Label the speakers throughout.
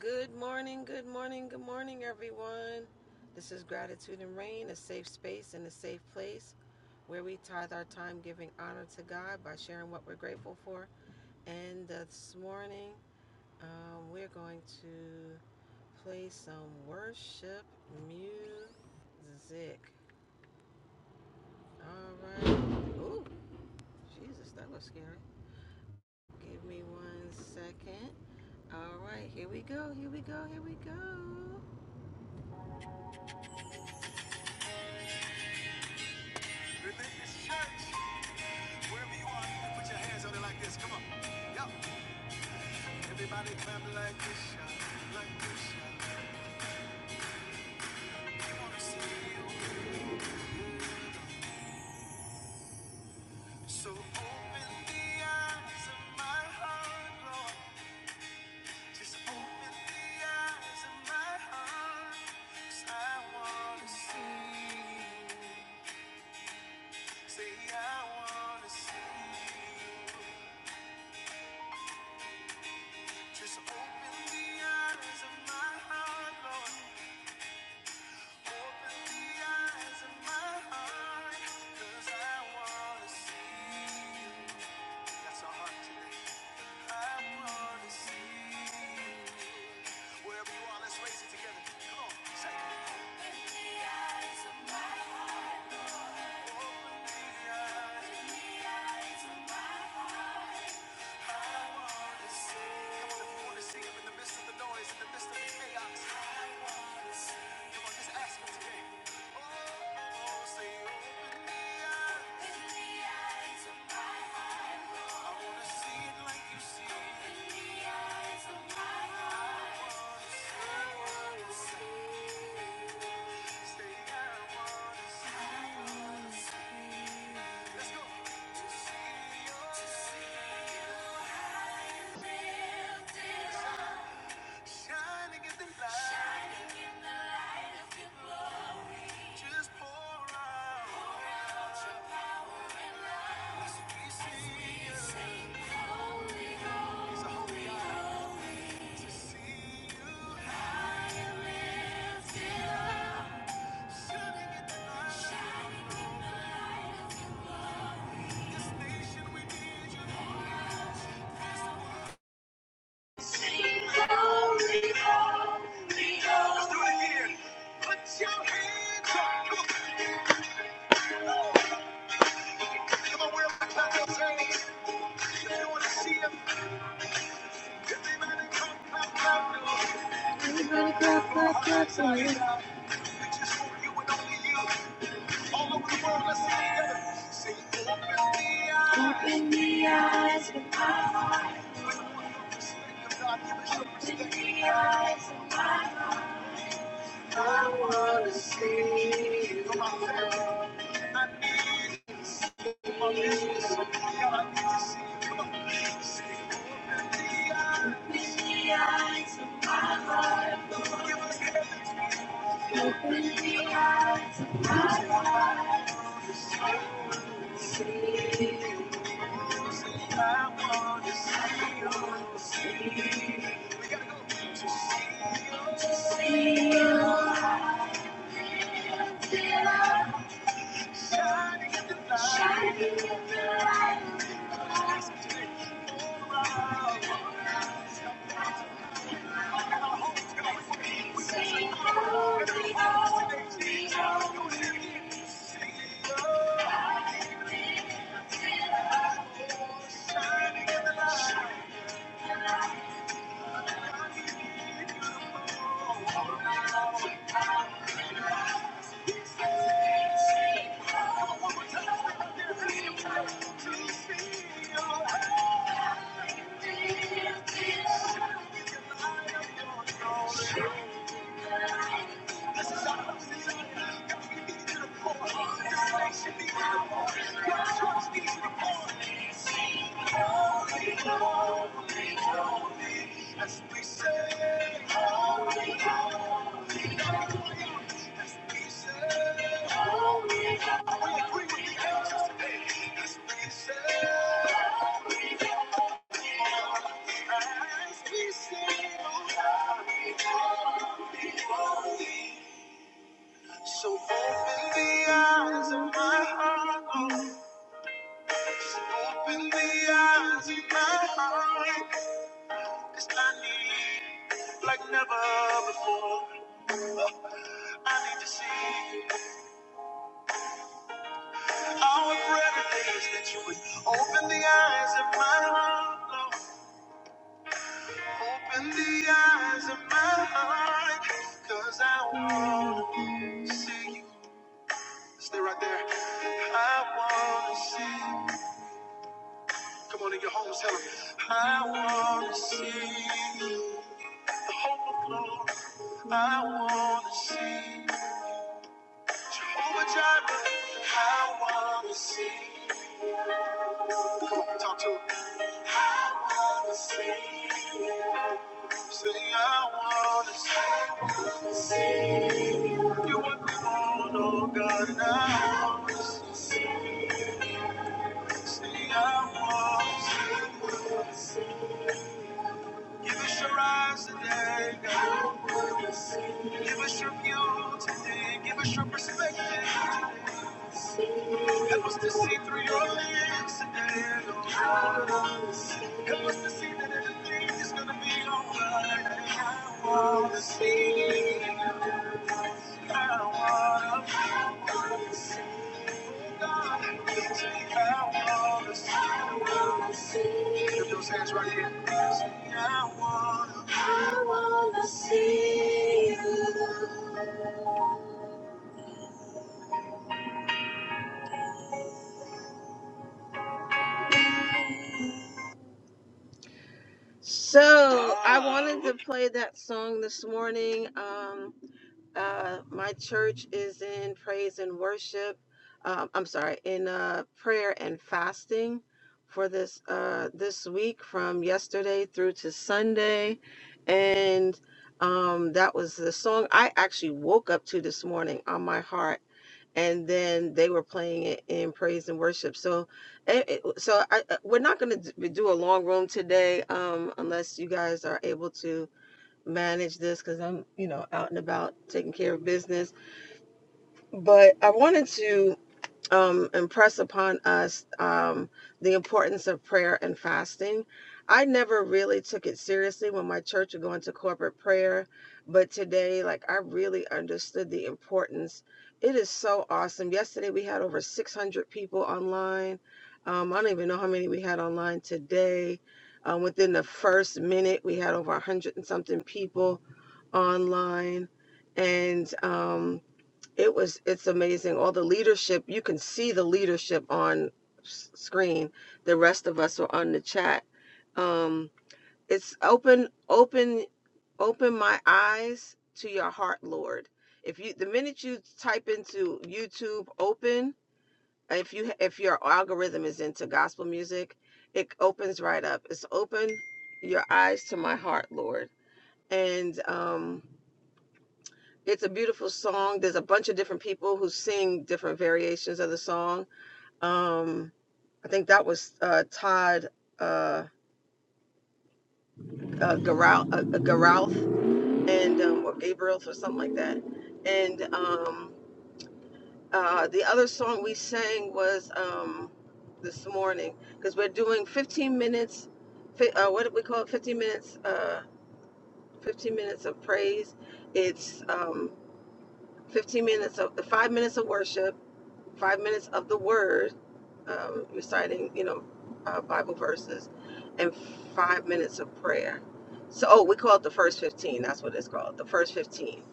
Speaker 1: Good morning, good morning, good morning, everyone. This is Gratitude and Rain, a safe space and a safe place where we tithe our time giving honor to God by sharing what we're grateful for. And uh, this morning, um, we're going to play some worship music. All right. Ooh, Jesus, that was scary. Give me one second. All right, here we go, here we go, here we go. Religious church. Wherever you are, you can put your hands on it like this. Come on. Yup. Everybody clap like this, yeah. Like this, yeah. We wanna see you. So open the eyes of my heart, Lord. Just open the eyes of my heart. 'Cause I wanna see you. Say I wanna see you. Just open the eyes of my heart, Lord. Open the eyes of my heart, 'cause I wanna see That's our heart today. I wanna see Wherever you are, let's raise it together. Come on, say it. Open the eyes. of my Shining in the light, just pour out. He's holy holy, holy, just want you and only you. All over the world, let's sing together. Say, open the eyes. Open the eyes. Open the eyes. I want to see you. Come I need to see you. Come I need to see you. Come on. Say, open the eyes. Open the eyes. I want to see you. See, we gotta go. To see you. Shining in the light. Come on, come on. We say, Holy, holy, holy. Come on, one more time. Yes, we say, as we say. Agree with the angels today. Yes, we say. So open the eyes of my heart. oh. Open the eyes of my heart. 'Cause I need like never before. I need to see you. Our prayer today is that you would open the eyes of my heart, Lord. Open the eyes of my heart, cause I want to see you. Stay right there. I want to see you. Come on in your homes, tell them, I want to see you. The hope of glory. I want to see you. Jehovah Jireh, I want to see you. Come on, talk to him. I wanna see. Say, I wanna see I wanna see. You are gone, oh God, and I wanna see. Say, I wanna see. Give us your eyes today, God. Give us your view today. Give us your perspective today. Help us to see through your lens today, Lord. Help us to see that everything is going to be alright. I want to see. I want to see hands right here. I wanna, I wanna see you. So I wanted to play that song this morning. Um, Uh, my church is in praise and worship. Um, I'm sorry, in uh, prayer and fasting for this uh, this week from yesterday through to Sunday, and um, that was the song I actually woke up to this morning on my heart and then they were playing it in praise and worship. So, eh, eh, so I, I- we're not going to do a long room today, um, unless you guys are able to manage this because I'm, you know, out and about taking care of business. But I wanted to um, impress upon us um, the importance of prayer and fasting. I never really took it seriously when my church would go into corporate prayer, but today, like, I really understood the importance. It is so awesome. Yesterday, we had over 600 people online. Um, I don't even know how many we had online today. Um, within the first minute, we had over 100 and something people online. And, um, it was it's amazing all the leadership you can see the leadership on screen the rest of us are on the chat um it's open open open my eyes to your heart lord if you the minute you type into youtube open if you if your algorithm is into gospel music it opens right up it's open your eyes to my heart lord and um it's a beautiful song. There's a bunch of different people who sing different variations of the song. Um, I think that was uh, Todd uh, uh, Garal, uh, uh, Garouth and um, or Gabriel or something like that. And um, uh, the other song we sang was um, this morning because we're doing 15 minutes. fi- Uh, what did we call it? 15 minutes. Uh, 15 minutes of praise. It's um, 15 minutes of five minutes of worship five minutes of the word, um, reciting, you know, uh, Bible verses, and five minutes of prayer. So, oh, we call it the first 15. That's what it's called. The first 15.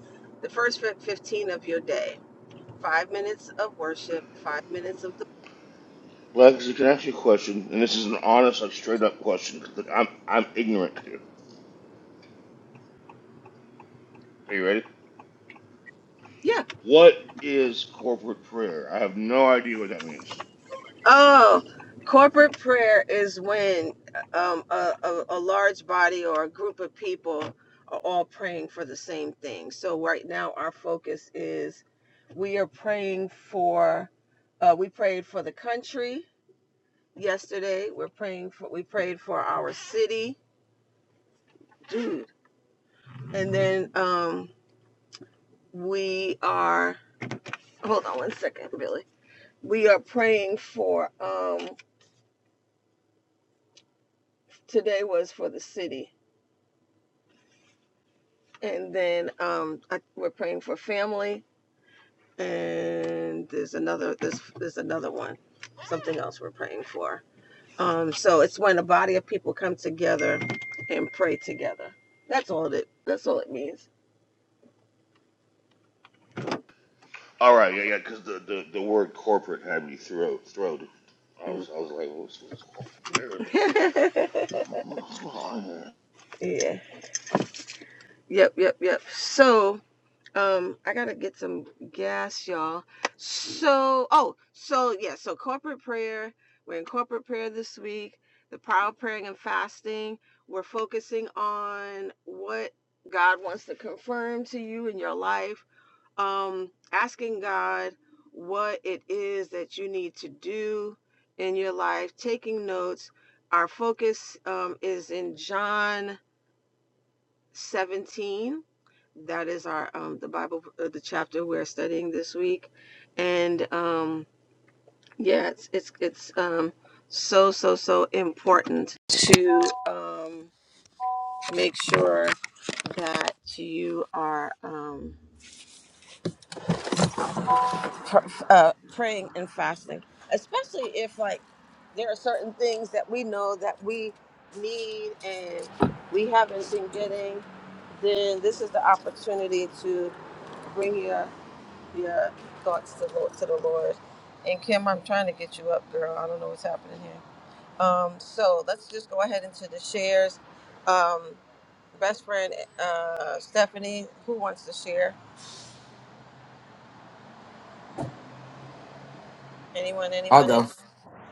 Speaker 1: The first 15 of your day. Five minutes of worship, five minutes of the,
Speaker 2: Legacy, can I ask you a question? And this is an honest, like straight up question 'cause I'm I'm ignorant to. Are you ready?
Speaker 1: yeah,
Speaker 2: What is corporate prayer? I have no idea what that means.
Speaker 1: Oh, corporate prayer is when um, a, a, a large body or a group of people are all praying for the same thing. So, right now, our focus is we are praying for, uh, we prayed for the country yesterday. We're praying for, we prayed for our city. Dude. And then um, we are, hold on one second, Billy. We are praying for, um, today was for the city and then um, I, we're praying for family. And there's another there's there's another one, something else we're praying for. Um, so it's when a body of people come together and pray together. That's all it. That's all it means.
Speaker 2: All right, yeah, yeah, because the, the, the word corporate had me throat throated. I was, I was like, what's, what's corporate prayer? What's going on here?
Speaker 1: yeah. Yep. Yep. Yep. So Um, I gotta get some gas, y'all. So, oh, so yeah, so corporate prayer. We're in corporate prayer this week. The power of praying and fasting. We're focusing on what God wants to confirm to you in your life. Um, asking God what it is that you need to do in your life. Taking notes. Our focus um, is in John 17 that is our um the bible uh, the chapter we're studying this week and um yeah it's it's it's um so so so important to um make sure that you are um pr- uh, praying and fasting especially if like there are certain things that we know that we need and we haven't been getting then this is the opportunity to bring your your thoughts to, Lord, to the Lord. And Kim, I'm trying to get you up, girl. I don't know what's happening here. Um, so let's just go ahead into the shares. Um, best friend uh, Stephanie, who wants to share? Anyone?
Speaker 3: I'll
Speaker 1: Anyone? In?
Speaker 3: go.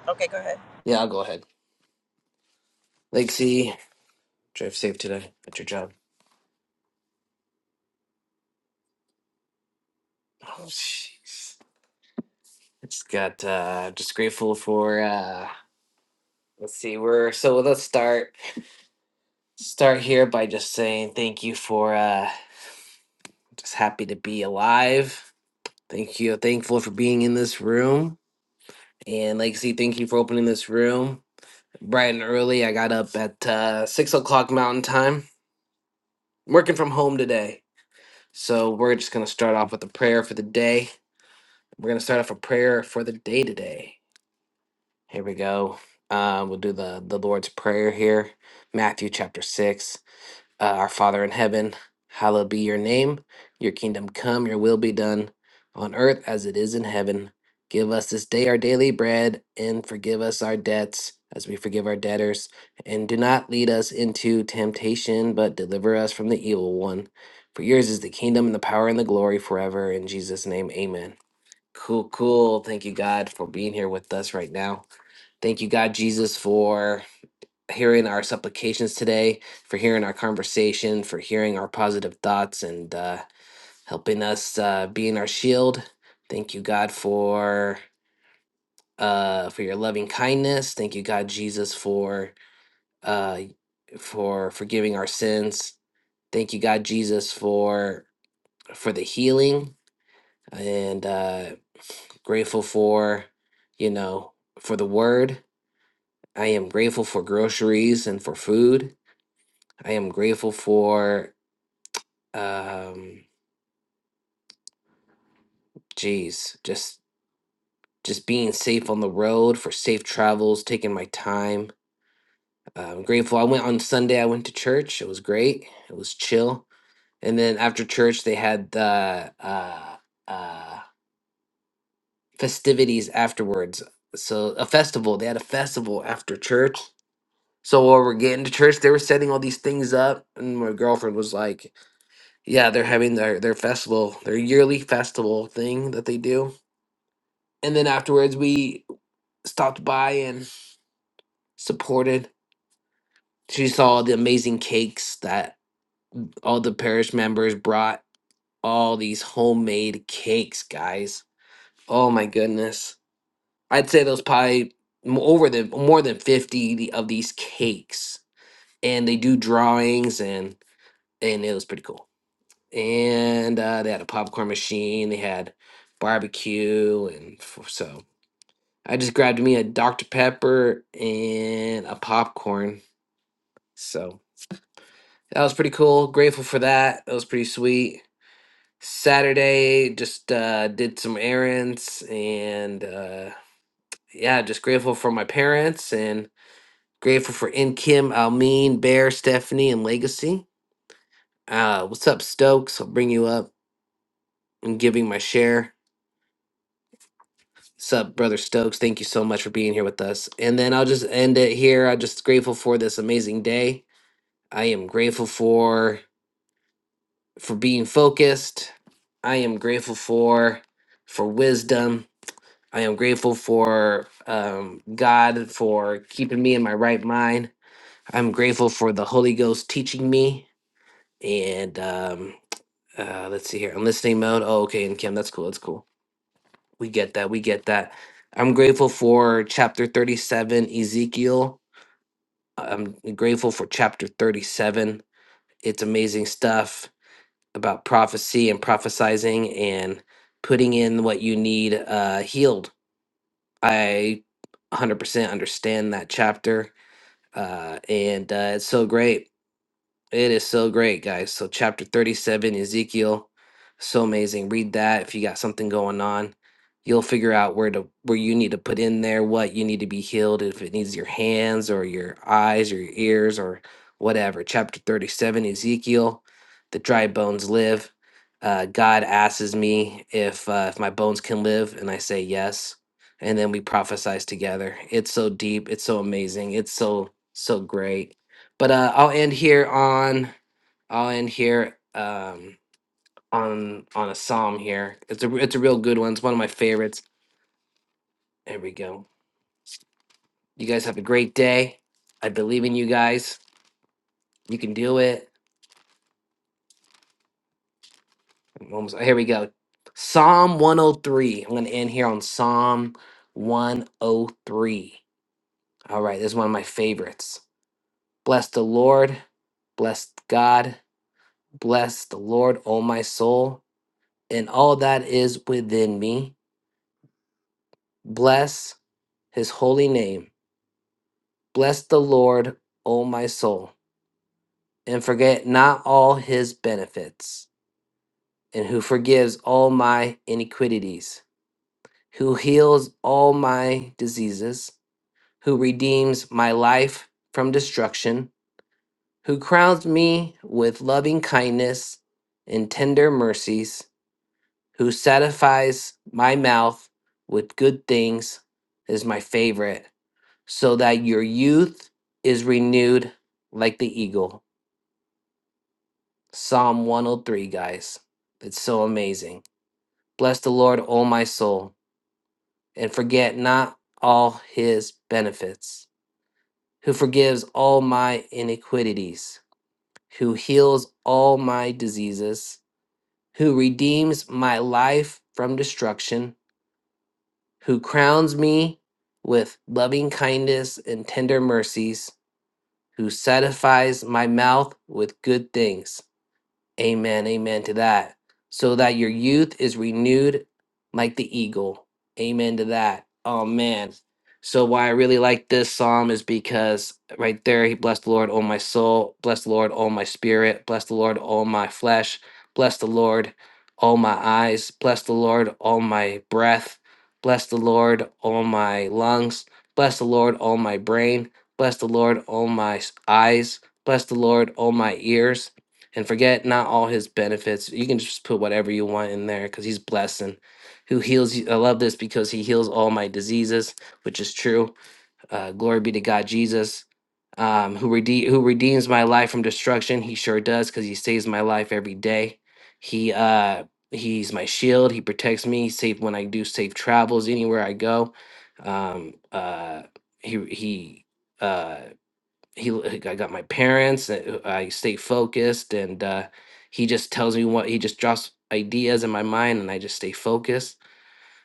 Speaker 1: Okay, go ahead.
Speaker 3: Yeah, I'll go ahead. Lake drive safe today at your job. Oh, jeez. It's got, uh, just grateful for, uh, let's see, we're, so let's start, start here by just saying thank you for, uh, just happy to be alive. Thank you. Thankful for being in this room. And Lake thank you for opening this room bright and early. I got up at, uh, six o'clock mountain time, working from home today. So we're just going to start off with a prayer for the day We're going to start off a prayer for the day today. Here we go. Uh, we'll do the, the Lord's Prayer here. Matthew chapter 6. Uh, Our Father in heaven, hallowed be your name. Your kingdom come, your will be done on earth as it is in heaven. Give us this day our daily bread and forgive us our debts as we forgive our debtors. And do not lead us into temptation, but deliver us from the evil one. For yours is the kingdom and the power and the glory forever. In Jesus' name, amen. Cool, cool. Thank you, God, for being here with us right now. Thank you, God, Jesus, for hearing our supplications today, for hearing our conversation, for hearing our positive thoughts, and uh, helping us uh, being our shield. Thank you, God, for uh, for your loving kindness. Thank you, God, Jesus, for uh, for forgiving our sins. Thank you, God, Jesus, for for the healing, and uh, grateful for you know for the word I am grateful for groceries and for food. I am grateful for um geez, just just being safe on the road, for safe travels, taking my time. Uh, I'm grateful. I went on Sunday. I went to church. It was great. It was chill. And then after church, they had the uh, uh, festivities afterwards. So a festival. They had a festival after church. So while we're getting to church, they were setting all these things up, and my girlfriend was like, yeah, they're having their their festival, their yearly festival thing that they do. And then afterwards, we stopped by and supported. She saw the amazing cakes that all the parish members brought. All these homemade cakes, guys. Oh my goodness! I'd say those probably m- over the more than fifty the- of these cakes, and they do drawings and and it was pretty cool. and uh, they had a popcorn machine. They had barbecue, and f- so I just grabbed me a Dr Pepper and a popcorn. So that was pretty cool. Grateful for that. That was pretty sweet. Saturday, just uh, did some errands, and uh, yeah, just grateful for my parents and grateful for In Kim, Almeen, Bear, Stephanie, and Legacy. Uh, what's up, Stokes? I'll bring you up and giving my share. Sup, Brother Stokes? Thank you so much for being here with us. And then I'll just end it here. I'm just grateful for this amazing day. I am grateful for for being focused. I am grateful for for wisdom. I am grateful for um, God for keeping me in my right mind. I'm grateful for the Holy Ghost teaching me. And um, uh, let's see here. I'm listening mode. Oh, okay. And Kim, that's cool. That's cool. We get that. We get that. I'm grateful for chapter 37, Ezekiel. I'm grateful for chapter 37. It's amazing stuff about prophecy and prophesizing and putting in what you need uh, healed. I 100% understand that chapter, uh, and uh, it's so great. It is so great, guys. So, chapter 37, Ezekiel, so amazing. Read that if you got something going on. You'll figure out where to where you need to put in there, what you need to be healed, if it needs your hands or your eyes or your ears or whatever. Chapter 37, Ezekiel, the dry bones live. Uh, God asks me if uh, if my bones can live, and I say yes, and then we prophesize together. It's so deep, it's so amazing, it's so so great but uh, I'll end here on I'll end here um, on on a psalm here. It's a it's a real good one. It's one of my favorites. There we go. You guys have a great day. I believe in you guys. You can do it. I'm almost here we go. Psalm 103. I'm gonna end here on Psalm 103. All right, this is one of my favorites. Bless the Lord, bless God, bless the Lord, O my soul, and all that is within me. Bless his holy name. Bless the Lord, O my soul, and forget not all his benefits, and who forgives all my iniquities, who heals all my diseases, who redeems my life from destruction, who crowns me with loving kindness and tender mercies, who satisfies my mouth with good things is my favorite so that your youth is renewed like the eagle. Psalm 103, guys. It's so amazing. Bless the Lord, O my soul, and forget not all his benefits, who forgives all my iniquities, who heals all my diseases, who redeems my life from destruction, who crowns me with loving kindness and tender mercies, who satisfies my mouth with good things Amen. Amen to that. So that your youth is renewed like the eagle. Amen to that. Oh man. So why I really like this psalm is because right there he blessed the Lord, oh my soul, bless the Lord, oh my spirit, bless the Lord, oh my flesh, bless the Lord, oh my eyes, bless the Lord, oh my breath, bless the Lord, oh my lungs, bless the Lord, oh my brain, bless the Lord, oh my s- eyes, bless the Lord, oh my ears, and forget not all his benefits. You can just put whatever you want in there because he's blessing. Who heals you? I love this because he heals all my diseases, which is true. Uh, glory be to God, Jesus, um, who rede- who redeems my life from destruction. He sure does because he saves my life every day. He uh, he's my shield. He protects me. Safe when I do safe travels anywhere I go. Um, uh, he he. uh, he like, I got my parents. uh, uh, I stay focused, and uh, he just tells me what he just drops ideas in my mind, and I just stay focused.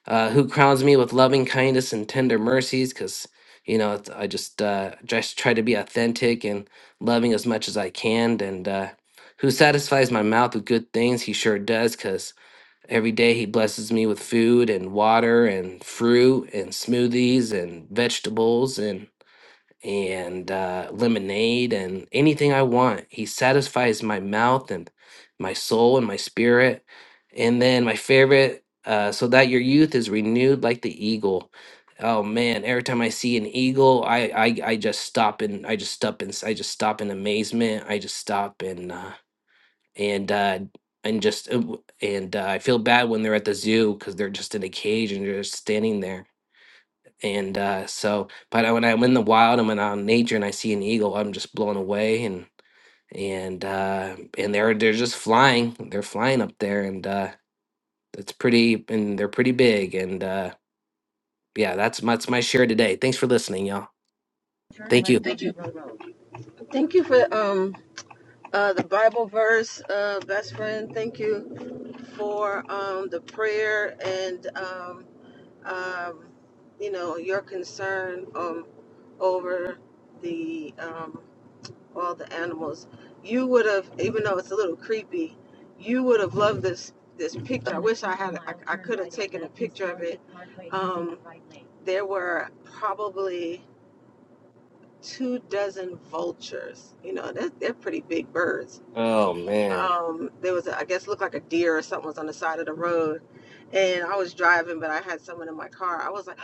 Speaker 3: Uh, who crowns me with loving kindness and tender mercies? Because you know, it's, I just uh, just try to be authentic and loving as much as I can, and uh, who satisfies my mouth with good things? He sure does, because. Every day he blesses me with food and water and fruit and smoothies and vegetables and and uh, lemonade and anything I want. He satisfies my mouth and my soul and my spirit. And then my favorite, uh, so that your youth is renewed like the eagle. Oh man! Every time I see an eagle, I I, I just stop and I just stop and I just stop in amazement. I just stop and uh, and uh, and just uh, w- and uh, I feel bad when they're at the zoo because they're just in a cage and they're just standing there and uh, so, but when I'm in the wild and when I'm out in uh, nature and I see an eagle, I'm just blown away. And and uh, and they're they're just flying. They're flying up there, and uh, it's pretty. And they're pretty big. And uh, yeah, that's my, that's my share today. Thanks for listening, y'all. Thank you.
Speaker 1: Thank you for um uh the Bible verse, uh best friend. Thank you for um the prayer and um um you know your concern um over the um all the animals. You would have, even though it's a little creepy, you would have loved this this picture. There were probably two dozen vultures. You know, they're, they're pretty big birds.
Speaker 3: Oh man.
Speaker 1: Um, there was, a, I guess, looked like a deer or something was on the side of the road, and I was driving, but I had someone in my car. I was like,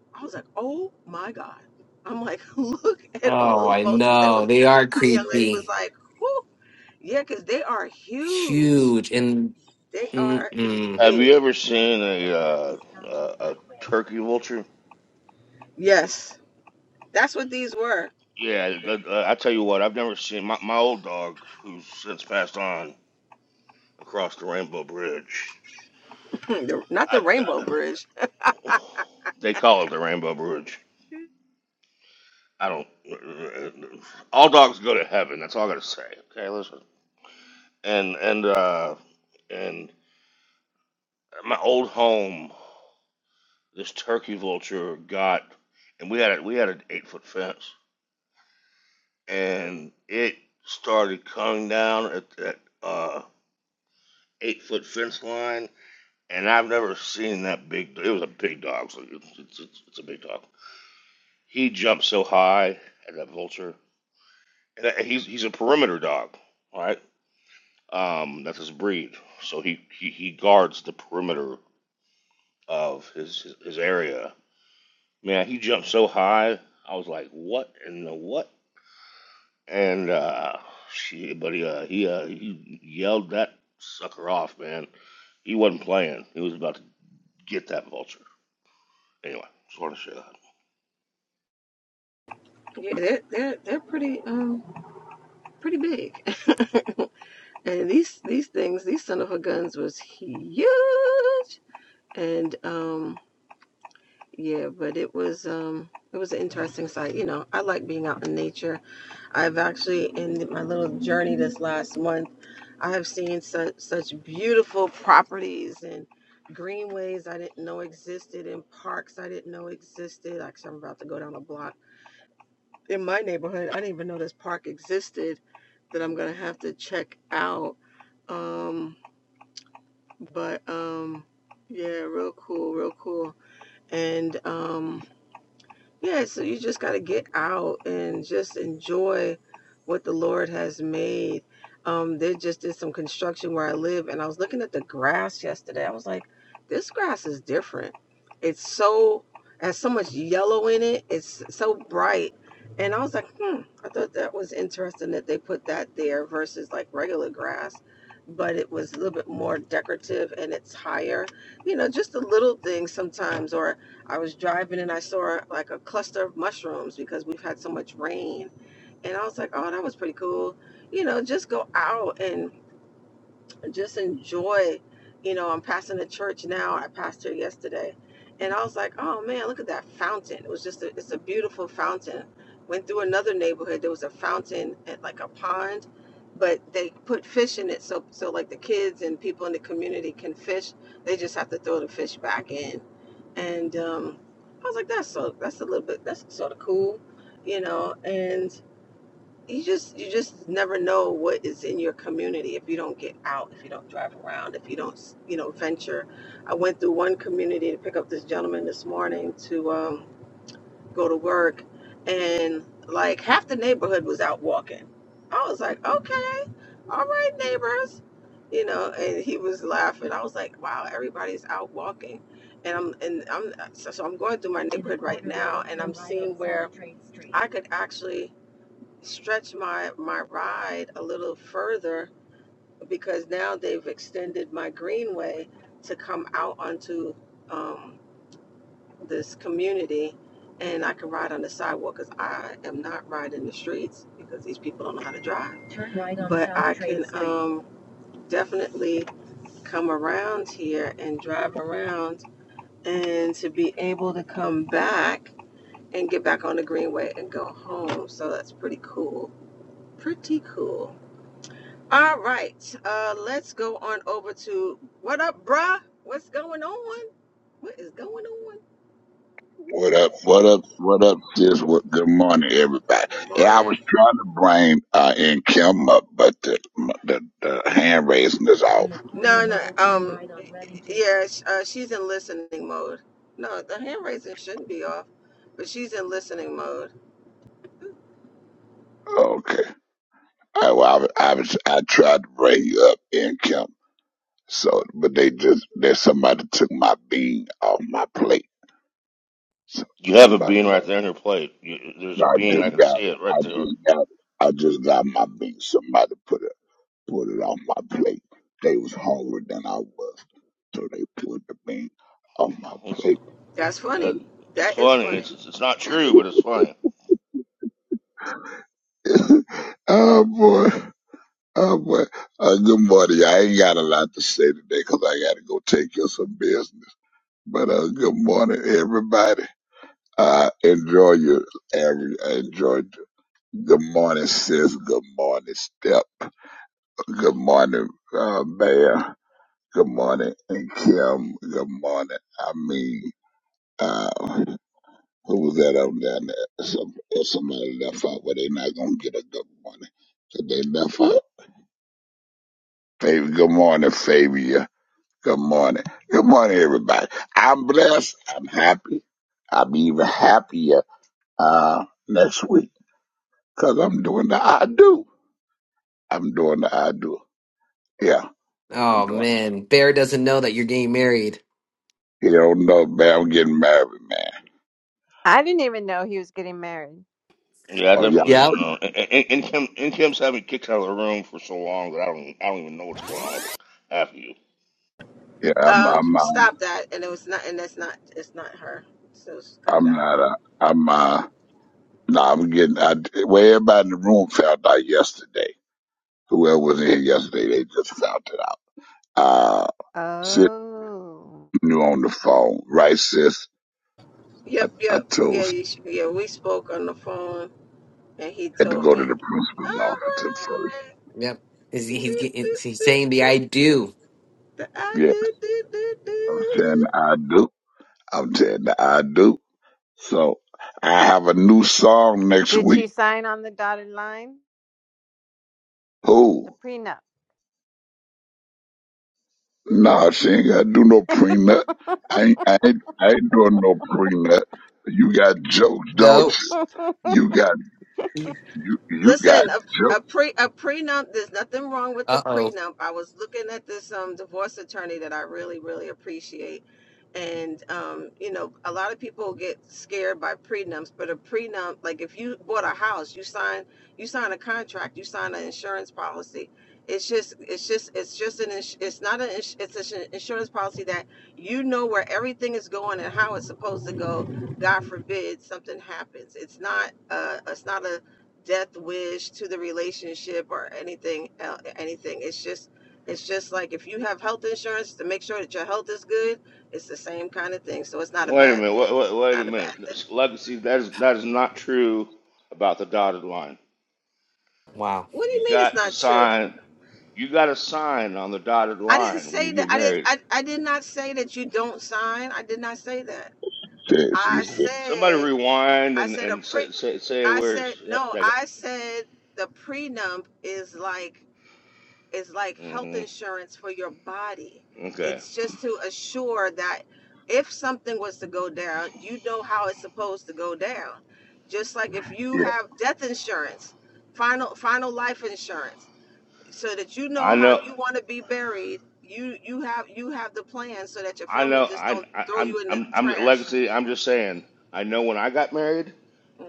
Speaker 1: I was like, oh my god! I'm like, look at all
Speaker 3: Oh,
Speaker 1: those
Speaker 3: I
Speaker 1: vultures. There
Speaker 3: know
Speaker 1: was,
Speaker 3: they are
Speaker 1: the young lady was
Speaker 3: creepy,
Speaker 1: like, whoo, yeah, because they are huge.
Speaker 3: huge, and
Speaker 1: They are
Speaker 3: mm-mm.
Speaker 2: Have you
Speaker 1: big.
Speaker 2: ever seen a uh, a, a turkey vulture?
Speaker 1: Yes, that's what these were.
Speaker 2: Yeah, uh, I tell you what, I've never seen my, my old dog, who's since passed on across the Rainbow Bridge.
Speaker 1: The- Not the
Speaker 2: I,
Speaker 1: Rainbow Bridge.
Speaker 2: They call it the Rainbow Bridge. I don't. All dogs go to heaven. That's all I gotta say. Okay, listen. And and uh and my old home, this turkey vulture got, and we had a, we had an eight foot fence, and it started coming down at that uh eight foot fence line, and I've never seen that big. It was a big dog. So it's, it's, it's a big dog. He jumped so high at that vulture And that- he's he's a perimeter dog, right? Um, that's his breed. So he he, he guards the perimeter of his, his his area. Man, he jumped so high. I was like, what in the what? And uh, she, but he uh, he uh, he yelled that sucker off, man. He wasn't playing. He was about to get that vulture. Anyway, just want to share that.
Speaker 1: Yeah, they're they're they're pretty um pretty big. and these these things, these son of a guns was huge. And um Yeah, but it was um it was an interesting sight. You know, I like being out in nature. I've actually in my little journey this last month, I have seen such such beautiful properties and greenways I didn't know existed and parks I didn't know existed. Actually, I'm about to go down a block in my neighborhood. I didn't even know this park existed that I'm gonna have to check out. Um, but um, yeah, real cool, real cool, and um. Yeah, so you just got to get out and just enjoy what the Lord has made. Um, they just did some construction where I live, and I was looking at the grass yesterday. I was like, this grass is different. It's so, has so much yellow in it, it's so bright. And I was like, hmm, I thought that was interesting that they put that there versus like regular grass, but it was a little bit more decorative and it's higher. You know, just the little things sometimes, or. I was driving and I saw like a cluster of mushrooms because we've had so much rain. And I was like, oh, that was pretty cool. You know, just go out and just enjoy. You know, I'm passing the church now. I passed here yesterday. And I was like, oh man, look at that fountain. It was just a, it's a beautiful fountain. Went through another neighborhood. There was a fountain at like a pond, but they put fish in it. So, so like the kids and people in the community can fish. They just have to throw the fish back in and um, I was like, that's so that's a little bit that's sort of cool, you know. And you just you just never know what is in your community if you don't get out, if you don't drive around, if you don't you know venture. I went through one community to pick up this gentleman this morning to. Um, go to work and like half the neighborhood was out walking. I was like, okay, all right, neighbors. You know, and he was laughing. I was like, wow, everybody's out walking. And I'm and I'm so, so I'm going through my could actually stretch my my ride a little further because now they've extended my greenway to come out onto um this community and I can ride on the sidewalk because I am not riding the streets because these people don't know how to drive. Um, definitely come around here and drive around and to be able to come back and get back on the greenway and go home. So that's pretty cool. Pretty cool. All right, uh, let's go on over to what up, bruh? What's going on? What is going on?
Speaker 4: What up? What up? What up? sis? what? Good morning, everybody.
Speaker 1: Good
Speaker 4: Hey, I
Speaker 1: morning.
Speaker 4: was trying to bring uh, in Kim up, but the, the the hand raising is off.
Speaker 1: Yeah, sh- uh, she's in listening mode. No, the hand raising shouldn't be off, but she's in listening mode.
Speaker 4: Okay. I well, I, I was I tried to bring you up in Kim, so but they just there's somebody took my bean off my plate. So,
Speaker 2: You have a
Speaker 4: somebody,
Speaker 2: bean right there in your plate. You, there's a
Speaker 4: I
Speaker 2: bean.
Speaker 4: just
Speaker 2: I can see
Speaker 4: got,
Speaker 2: it right
Speaker 4: I
Speaker 2: there.
Speaker 4: just got, I just got my bean. Somebody put it. put it on my plate. They was hungrier than I was, so they put the meat on my
Speaker 2: It's,
Speaker 4: plate.
Speaker 1: That's
Speaker 2: uh,
Speaker 1: funny.
Speaker 2: it's
Speaker 1: That is
Speaker 2: funny.
Speaker 1: funny.
Speaker 2: It's it's not true, but it's funny.
Speaker 4: oh boy, oh boy. Uh, good morning. y'all. I ain't got a lot to say today 'cause I got to go take care of some business. But uh, good morning, everybody. Uh, enjoy your every. Enjoy. Good morning, sis. Good morning, step. Good morning, uh, Bear. Good morning, and Kim. Good morning. I mean. uh. Who was that out there? That some, if somebody left out, but they not gonna get a good morning. So they left out. Baby, good morning, Fabia. Good morning. Good morning, everybody. I'm blessed. I'm happy. I'll be even happier uh, next week because I'm doing the I do. I'm doing the I do. Yeah, I'm
Speaker 3: oh
Speaker 4: doing.
Speaker 3: man, Bear doesn't know that you're getting married.
Speaker 4: You don't know, man. I'm getting married, man.
Speaker 5: I didn't even know he was getting married.
Speaker 2: Yeah, I
Speaker 4: Oh yeah,
Speaker 2: definitely didn't know. And, and, and Kim, and Kim's having kicked out of the room for so long that I don't, I don't even know what's going on with half of you.
Speaker 4: yeah. I'm,
Speaker 1: Um,
Speaker 4: I'm, uh,
Speaker 1: stop that. And it was not. And that's not. It's not her. So just cut it
Speaker 4: I'm
Speaker 1: out.
Speaker 4: not. Uh, I'm. Uh, no, I'm getting. I, well, everybody in the room found out yesterday. Whoever was in here yesterday, they just found it out. Uh, sis
Speaker 5: Oh.
Speaker 4: knew on the phone, right, sis? I,
Speaker 1: Yep.
Speaker 4: I
Speaker 1: Yep.
Speaker 4: told
Speaker 1: Yeah.
Speaker 4: sis
Speaker 1: You sh yeah. We spoke on the phone, and he
Speaker 4: I had to
Speaker 1: told
Speaker 4: go to
Speaker 1: me.
Speaker 4: the
Speaker 1: "All
Speaker 4: principal's office at first.
Speaker 1: right."
Speaker 3: Yep, is he? he's, getting, he's saying the I do.
Speaker 1: that I
Speaker 4: Yes,
Speaker 1: do, do, do,
Speaker 4: I'm saying
Speaker 1: do.
Speaker 4: I do. I'm saying I do. So I have a new song next
Speaker 5: Did she
Speaker 4: week.
Speaker 5: sign on the dotted line? The
Speaker 4: Who?
Speaker 5: prenup.
Speaker 4: Nah, she ain't got to do no prenup. I ain't, I ain't, I ain't doing no prenup. You got jokes, don't
Speaker 3: No.
Speaker 4: you? You got, you, you got
Speaker 1: Listen, a, a pre a prenup. There's nothing wrong with the
Speaker 3: Uh oh.
Speaker 1: prenup. I was looking at this um divorce attorney that I really really appreciate, and um you know a lot of people get scared by prenups, but a prenup like if you bought a house, you sign you sign a contract, you sign an insurance policy. It's just it's just it's just an ins- it's not an ins- it's an insurance policy that you know where everything is going and how it's supposed to go. God forbid something happens. It's not uh it's not a death wish to the relationship or anything el- anything it's just it's just like if you have health insurance to make sure that your health is good it's the same kind of thing so it's not a
Speaker 2: Wait a
Speaker 1: bad
Speaker 2: minute.
Speaker 1: thing
Speaker 2: Wait, wait,
Speaker 1: it's
Speaker 2: wait a
Speaker 1: not a bad
Speaker 2: minute.
Speaker 1: thing
Speaker 2: This legacy. That is that is not true about the dotted line.
Speaker 3: Wow.
Speaker 1: what do
Speaker 2: You
Speaker 1: you mean it's
Speaker 2: got to
Speaker 1: not true
Speaker 2: sign. You got to sign on the dotted
Speaker 1: i didn't
Speaker 2: line when you
Speaker 1: say that
Speaker 2: get
Speaker 1: i did
Speaker 2: married.
Speaker 1: i, I did not say that you don't sign i did not say that
Speaker 4: jokes. She she
Speaker 1: i
Speaker 4: said,
Speaker 2: Somebody
Speaker 1: said
Speaker 2: rewind
Speaker 1: i
Speaker 2: and
Speaker 1: said a
Speaker 2: and
Speaker 1: pre
Speaker 2: say say, say
Speaker 1: i
Speaker 2: where it's,
Speaker 1: said
Speaker 2: that,
Speaker 1: no
Speaker 2: that
Speaker 1: i said the prenup is like is like health
Speaker 2: hmm
Speaker 1: insurance for your body.
Speaker 2: Okay.
Speaker 1: It's just to assure that if something was to go down, you know how it's supposed to go down. Just like if you have death insurance, final final life insurance, so that you know
Speaker 2: I
Speaker 1: how
Speaker 2: know.
Speaker 1: you want to be buried, you you have you have the plan so that your
Speaker 2: I
Speaker 1: family
Speaker 2: know.
Speaker 1: just
Speaker 2: I,
Speaker 1: don't
Speaker 2: I
Speaker 1: throw
Speaker 2: I'm
Speaker 1: you in the
Speaker 2: I'm I'm
Speaker 1: trash.
Speaker 2: legacy. I'm just saying. I know when I got married.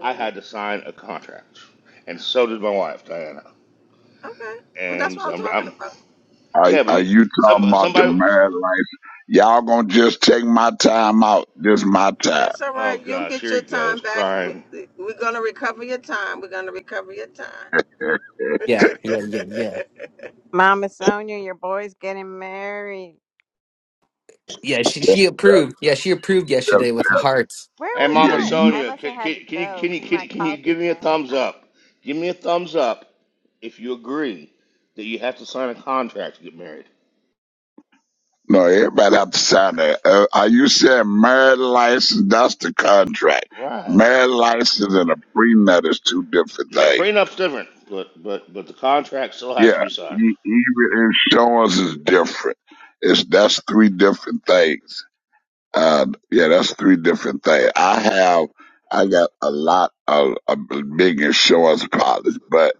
Speaker 2: I had to sign a contract, and so did my wife Diana.
Speaker 1: okay, well that's
Speaker 2: And
Speaker 1: what
Speaker 2: so
Speaker 1: I'm
Speaker 2: I'm,
Speaker 1: talking
Speaker 2: I'm
Speaker 1: about.
Speaker 4: Are,
Speaker 2: yeah, but
Speaker 4: are
Speaker 2: you,
Speaker 4: you
Speaker 2: some
Speaker 4: talking about the
Speaker 2: somebody.
Speaker 4: married life? Y'all gonna just take my time out. This my time.
Speaker 1: It's all
Speaker 2: Oh
Speaker 1: right. You'll
Speaker 2: gosh,
Speaker 1: get
Speaker 2: here
Speaker 1: your
Speaker 2: he
Speaker 1: time
Speaker 2: goes
Speaker 1: back. We,
Speaker 2: crying.
Speaker 1: we- we're gonna recover your time. We're gonna recover your time.
Speaker 3: Yeah, yeah, yeah, yeah.
Speaker 5: Mama Sonia, your boy's getting married.
Speaker 3: Yeah, she,
Speaker 4: That-
Speaker 3: she approved. Yeah, she approved
Speaker 4: that-
Speaker 3: yesterday with the
Speaker 4: that-
Speaker 3: hearts.
Speaker 5: Where
Speaker 2: Hey,
Speaker 5: was
Speaker 4: Yeah,
Speaker 2: Mama
Speaker 5: I?
Speaker 4: you.
Speaker 5: I
Speaker 2: Sonia,
Speaker 5: must
Speaker 2: can,
Speaker 5: have had
Speaker 2: can,
Speaker 5: to
Speaker 2: can you
Speaker 5: go
Speaker 2: can you
Speaker 5: because
Speaker 2: can,
Speaker 5: my
Speaker 2: you- can you give
Speaker 5: coffee
Speaker 2: me a
Speaker 5: thing.
Speaker 2: thumbs up? Give me a thumbs up if you agree that you have to sign a contract to get married.
Speaker 4: No, everybody have to sign that. Uh, are you saying married license? That's the contract.
Speaker 2: Right.
Speaker 4: Married license and a prenup is two different
Speaker 2: Yeah,
Speaker 4: things.
Speaker 2: prenup's different, but but but the contract still has to
Speaker 4: Yeah,
Speaker 2: be signed.
Speaker 4: e- even insurance is different. It's that's three different things. Uh, yeah, that's three different things. I have, I got a lot of, of big insurance policies, but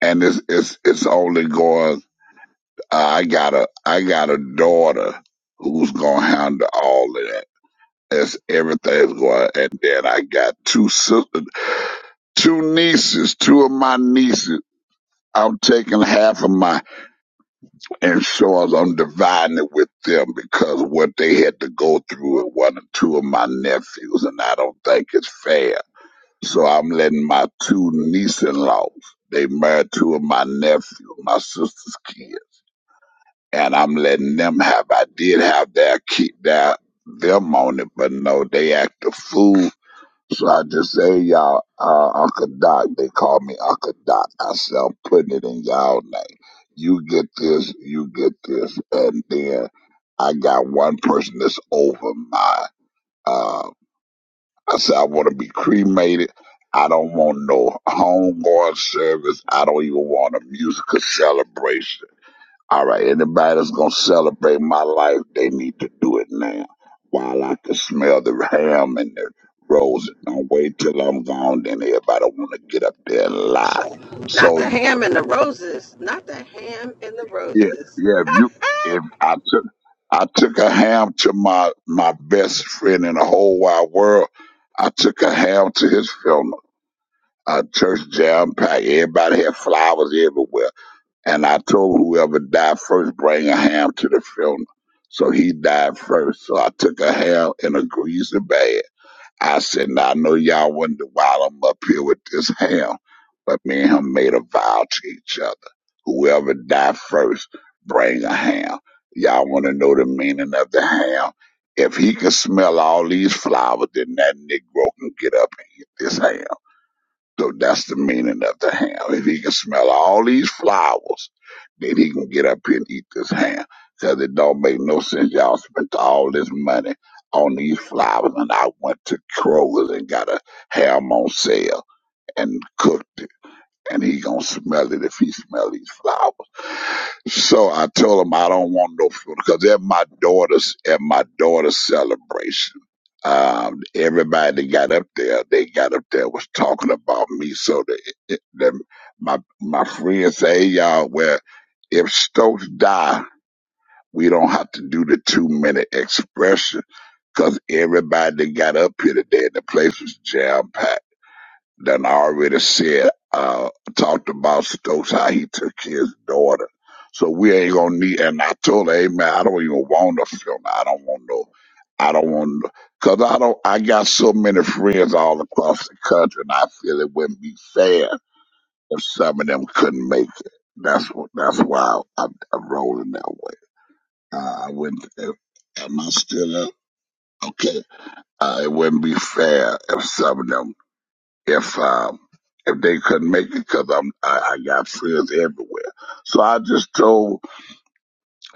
Speaker 4: and it's it's it's only going. I got a I got a daughter who's gonna handle all of that. That's everything's going. And then I got two sisters, two nieces, two of my nieces. I'm taking half of my insurance. I'm dividing it with them because what they had to go through with one or two of my nephews, and I don't think it's fair. So I'm letting my two niece-in-laws. They married two of my nephews, my sister's kids. and I'm letting them have. I did have their keep their them on it, but no, they act a fool. So I just say, y'all, uh, Uncle Doc, they call me Uncle Doc. I said, I'm putting it in y'all name. You get this, you get this, and then I got one person that's over my. Uh, I said, I want to be cremated. I don't want no homegoing service. I don't even want a musical celebration. All right, anybody that's gonna celebrate my life, they need to do it now. While I can smell the ham and the roses, don't wait till I'm gone. Then everybody wanna get up there and lie.
Speaker 1: Not
Speaker 4: So
Speaker 1: the ham and the roses. Not the ham and the
Speaker 4: yeah,
Speaker 1: roses.
Speaker 4: yeah. If you, if I took, I took a ham to my my best friend in the whole wide world. I took a ham to his funeral. A church jam packed. Everybody had flowers everywhere. And I told whoever died first, bring a ham to the funeral. So he died first. So I took a ham in a greasy bag. I said, now I know y'all wanted to wild him up here with this ham, but me and him made a vow to each other. Whoever died first, bring a ham. Y'all want to know the meaning of the ham? If he could smell all these flowers, then that Negro can get up and eat this ham. So that's the meaning of the ham. If he can smell all these flowers, then he can get up here and eat this ham. Cause it don't make no sense. Y'all spent all this money on these flowers and I went to Kroger's and got a ham on sale and cooked it. And he gonna smell it if he smell these flowers. So I told him I don't want no food because they're my daughters at my daughter's celebration. Um, everybody that got up there, they got up there was talking about me. So the, the my my friends say, hey, y'all, well, if Stokes die, we don't have to do the two minute expression because everybody that got up here today, the place was jam packed. Then I already said, uh, talked about Stokes, how he took his daughter. So we ain't gonna need, and I told her, hey man, I don't even want a film. I don't want no, I don't want, no, cause I don't, I got so many friends all across the country and I feel it wouldn't be fair if some of them couldn't make it. That's what, that's why I'm, I'm rolling that way. Uh, I wouldn't, if, am I still up? Okay. Uh, it wouldn't be fair if some of them if um, if they couldn't make it because I'm I, I got friends everywhere. So I just told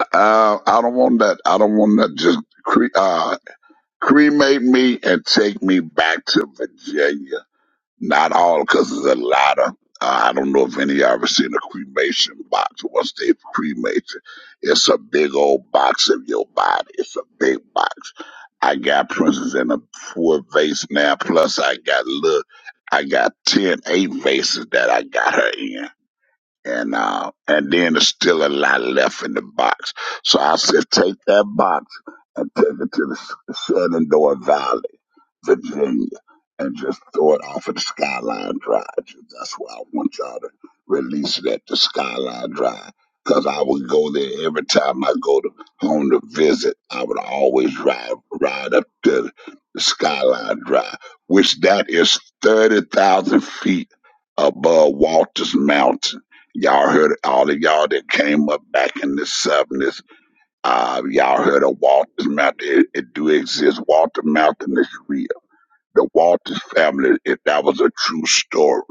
Speaker 4: uh, I don't want that. I don't want that. Just cre- uh, cremate me and take me back to Virginia. Not all, because there's a lot of. Uh, I don't know if any of y'all ever seen a cremation box. Once they cremate you, it's a big old box of your body. It's a big box. I got princess in a four vase now. Plus, I got look, I got ten, eight vases that I got her in, and uh, and then there's still a lot left in the box. So I said, take that box and take it to the Shenandoah Valley Virginia, and just throw it off of the Skyline Drive. That's why I want y'all to release it at the Skyline Drive. Cause I would go there every time I go to home to visit. I would always ride ride up to the Skyline Drive, which that is thirty thousand feet above Walters Mountain. Y'all heard all of y'all that came up back in the seventies. Uh, y'all heard of Walters Mountain? It, it do exist. Walter Mountain is real the Walters family, if that was a true story.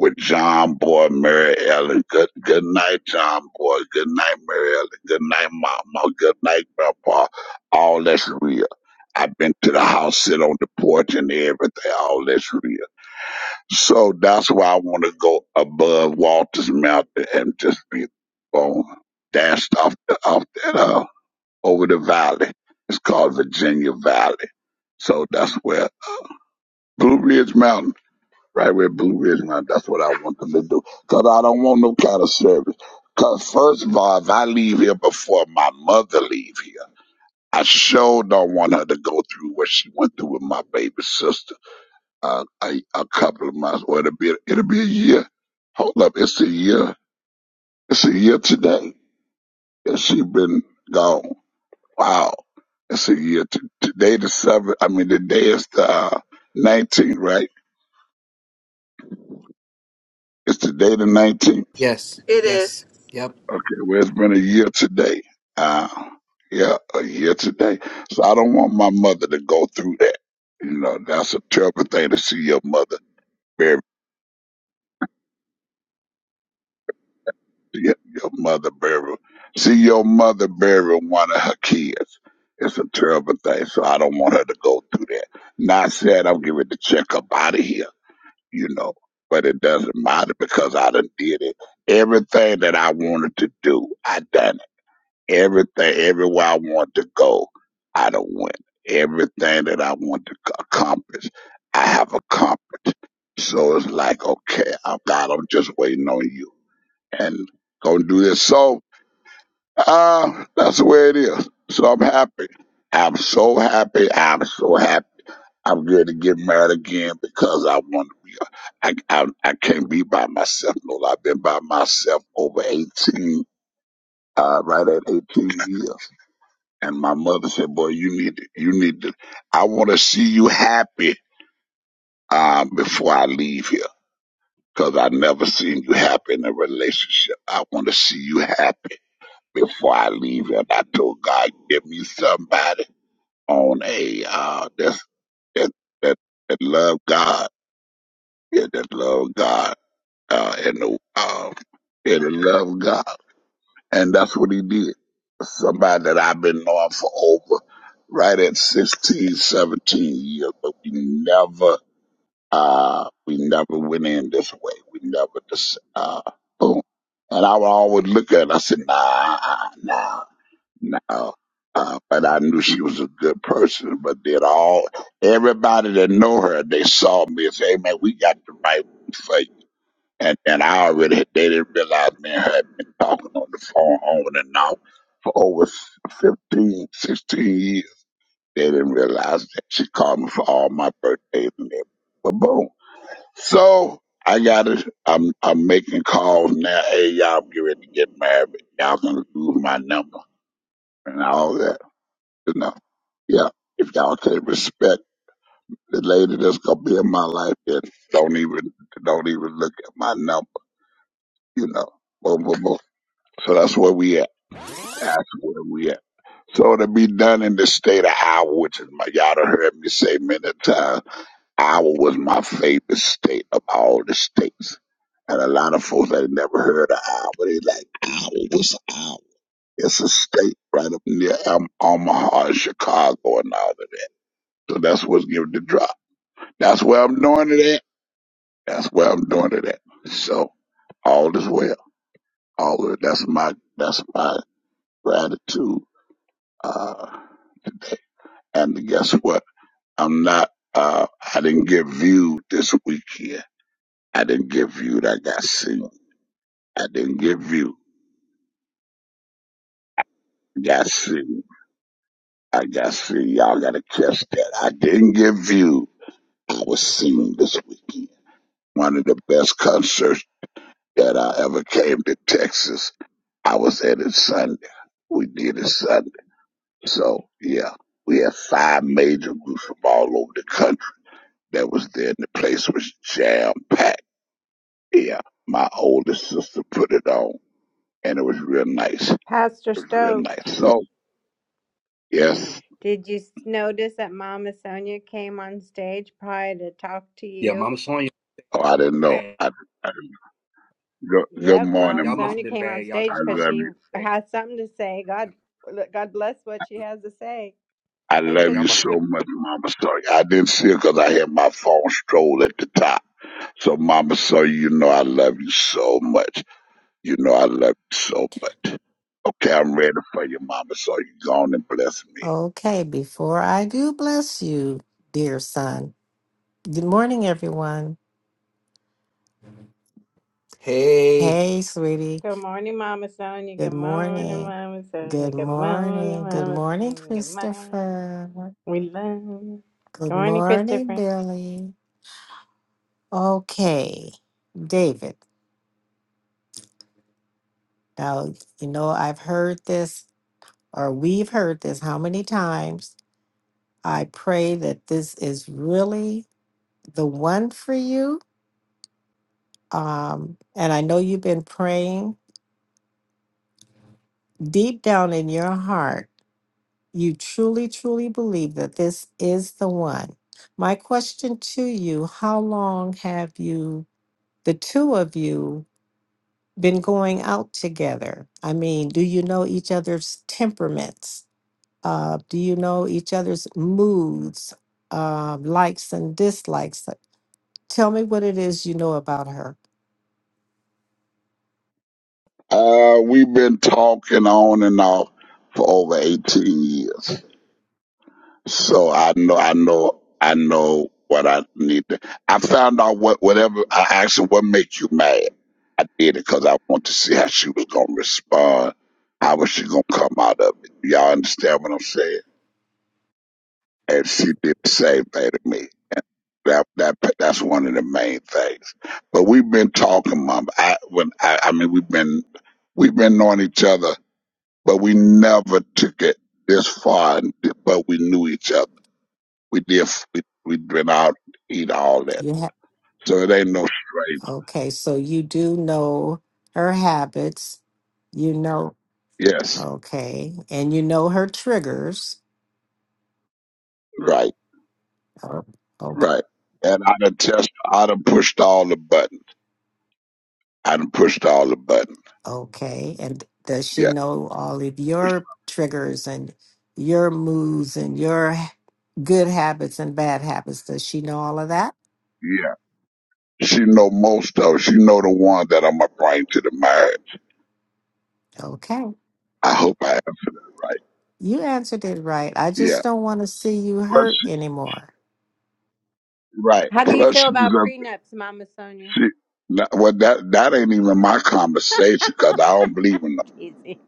Speaker 4: With John Boy, Mary Ellen. Good good night, John Boy. Good night, Mary Ellen. Good night, Mama. Good night, Grandpa. All that's real. I've been to the house, sit on the porch and everything. All that's real. So that's why I want to go above Walters Mountain and just be on dashed off the, off that uh, over the valley. It's called Virginia Valley. So that's where Blue Ridge Mountain. Right where Blue is now. That's what I want them to do. Because I don't want no kind of service. Because, first of all, if I leave here before my mother leave here, I sure don't want her to go through what she went through with my baby sister. Uh, a, a couple of months, or it'll be, it'll be a year. Hold up, it's a year. It's a year today. And she been gone. Wow. It's a year. T- today the 7th, I mean, the day is the uh, 19th, right? It's today the 19th.
Speaker 3: Yes,
Speaker 1: It is
Speaker 3: yes. Yep.
Speaker 4: Okay, well, it's been a year today. Uh, yeah, a year today. So I don't want my mother to go through that. You know, that's a terrible thing to see your mother bury your your mother bury see your mother bury one of her kids. It's a terrible thing. So I don't want her to go through that. Not saying I'm giving the check up out of here, you know, but it doesn't matter because I done did it. Everything that I wanted to do, I done. everything, everywhere I want to go, I don't win. Everything that I want to c- accomplish, I have accomplished. So it's like, okay, I'm God, I'm just waiting on you and gonna do this. So, uh, that's the way it is. So I'm happy. I'm so happy. I'm so happy. I'm going to get married again because I want to be. I, I I can't be by myself. No, I've been by myself over 18, uh, right at 18 years. And my mother said, "Boy, you need to, you need to. I want to see you happy um, before I leave here, because I never seen you happy in a relationship. I want to see you happy before I leave here." And I told God, "Give me somebody on a uh, that that that that love God, yeah, that love God, uh, and uh, and love God." And that's what he did. Somebody that I've been knowing for over right at 16, 17 years, but we never, uh, we never went in this way. We never just, uh, boom. And I would always look at her. I said, nah, nah, nah. Uh, but I knew she was a good person. But then all everybody that know her, they saw me and say, "Hey man, we got the right one for you." And and I already had- they didn't realize me and her had been talking on the phone on and off for over s- 15, sixteen years. They didn't realize that she called me for all my birthdays and everything. But boom. So I got it. I'm I'm making calls now. Hey y'all I'm getting ready to get married. Y'all gonna lose my number and all that. You know. Yeah. If y'all can't respect the lady that's gonna be in my life, then don't even don't even look at my number, you know. Boom, boom, boom. So that's where we at. That's where we at. So to be done in the state of Iowa, which is my y'all done heard me say many times, Iowa was my favorite state of all the states. And a lot of folks that never heard of Iowa, they like Iowa was Iowa. It's a state right up near um, Omaha and Chicago and all of that. So that's what's giving the drop. That's where I'm doing it at. That's where I'm doing it at. So all is well. All of that's my that's my gratitude. Uh, And guess what? I'm not, uh, I didn't get viewed this weekend. I didn't get viewed. I got seen. I didn't get viewed. Got seen. I got seen. Y'all gotta catch that. I didn't get viewed. I was seen this weekend. One of the best concerts that I ever came to Texas. I was at it Sunday. We did it Sunday. So yeah, we had five major groups from all over the country that was there and the place was jam packed Yeah, my oldest sister put it on, and it was real nice. It
Speaker 5: Pastor
Speaker 4: was real
Speaker 5: Stokes,
Speaker 4: nice. So, yes.
Speaker 5: did you s- notice that Mama Sonia came on stage prior to talk to
Speaker 6: Yeah,
Speaker 5: you?
Speaker 6: Mama Sonya
Speaker 4: Oh, I didn't know.
Speaker 6: bad.
Speaker 4: I, I didn't know. good, good
Speaker 5: Yep,
Speaker 4: morning,
Speaker 5: Mama
Speaker 6: Y'all must
Speaker 4: mom.
Speaker 6: have
Speaker 5: Sonia
Speaker 6: been
Speaker 5: came on
Speaker 6: bad. Y'all
Speaker 4: I
Speaker 5: stage
Speaker 6: mama
Speaker 5: because
Speaker 4: love
Speaker 5: she
Speaker 4: you.
Speaker 6: bad.
Speaker 5: has something to say. God, God bless what she has to say.
Speaker 4: I
Speaker 5: Hey,
Speaker 6: Yeah,
Speaker 4: love
Speaker 6: y'all
Speaker 4: you
Speaker 6: must have
Speaker 4: so
Speaker 5: Christopher.
Speaker 4: much, Mama Sorry. I didn't see it because I had my phone stroll at the top. So, Mama so you know I love you so much. You know I love you so much. Okay, I'm ready for you, Mama So you Go on and bless me.
Speaker 7: Okay, before I do bless you, dear son. Good morning, everyone.
Speaker 3: Hey.
Speaker 7: Hey, sweetie.
Speaker 5: Good morning, Mama Sonia. Good
Speaker 7: Good
Speaker 5: morning,
Speaker 7: morning.
Speaker 5: Mama Sonia.
Speaker 7: Good
Speaker 5: Good morning,
Speaker 7: morning. Good
Speaker 5: Mama
Speaker 7: morning,
Speaker 5: Sonia. Good morning.
Speaker 7: Christopher.
Speaker 5: We love you. Good
Speaker 7: Good
Speaker 5: morning,
Speaker 7: morning,
Speaker 5: Christopher.
Speaker 7: Billy. Okay, David. Now, you know, I've heard this, or we've heard this how many times. I pray that this is really the one for you. Um, and I know you've been praying deep down in your heart, you truly, truly believe that this is the one. My question to you how long have you, the two of you, been going out together? I mean, do you know each other's temperaments? Uh, do you know each other's moods, uh, likes, and dislikes? Tell me what it is you know about her.
Speaker 4: Uh, we've been talking on and off for over 18 years So I know, I know, I know what I need. To, I found out what whatever I asked her, what makes you mad? I did it because I want to see how she was gonna respond. How was she gonna come out of it? Y'all understand what I'm saying? And she did the same thing to me. That that that's one of the main things. But we've been talking, Mom. I when I, I mean we've been we've been knowing each other, but we never took it this far. But we knew each other. We did we, we went out, eat all that.
Speaker 7: You
Speaker 4: So it ain't no straight.
Speaker 7: Okay, so you do know her habits. You know,
Speaker 4: Yes,
Speaker 7: okay, and you know her triggers.
Speaker 4: right,
Speaker 7: Oh, Okay,
Speaker 4: right. And I done test, I done pushed all the button. I done pushed all the button.
Speaker 7: okay, and does she
Speaker 4: Yeah,
Speaker 7: know all of
Speaker 4: pushed-
Speaker 7: your triggers and your moods and your h- good habits and bad habits? Does she know all of that?
Speaker 4: yeah. She know most of. She know the one that I'ma bring to the marriage.
Speaker 7: Okay,
Speaker 4: I hope I answered that right.
Speaker 7: you answered it right. I just
Speaker 4: Yeah.
Speaker 7: don't want to see you
Speaker 4: Plus,
Speaker 7: hurt
Speaker 4: she,
Speaker 7: anymore.
Speaker 4: right.
Speaker 5: How do you
Speaker 4: Plus, she's
Speaker 5: feel about
Speaker 4: a
Speaker 5: prenups, Mama Sonia?
Speaker 4: she. no, Well, that that ain't even my conversation because I don't believe in them.
Speaker 5: Easy.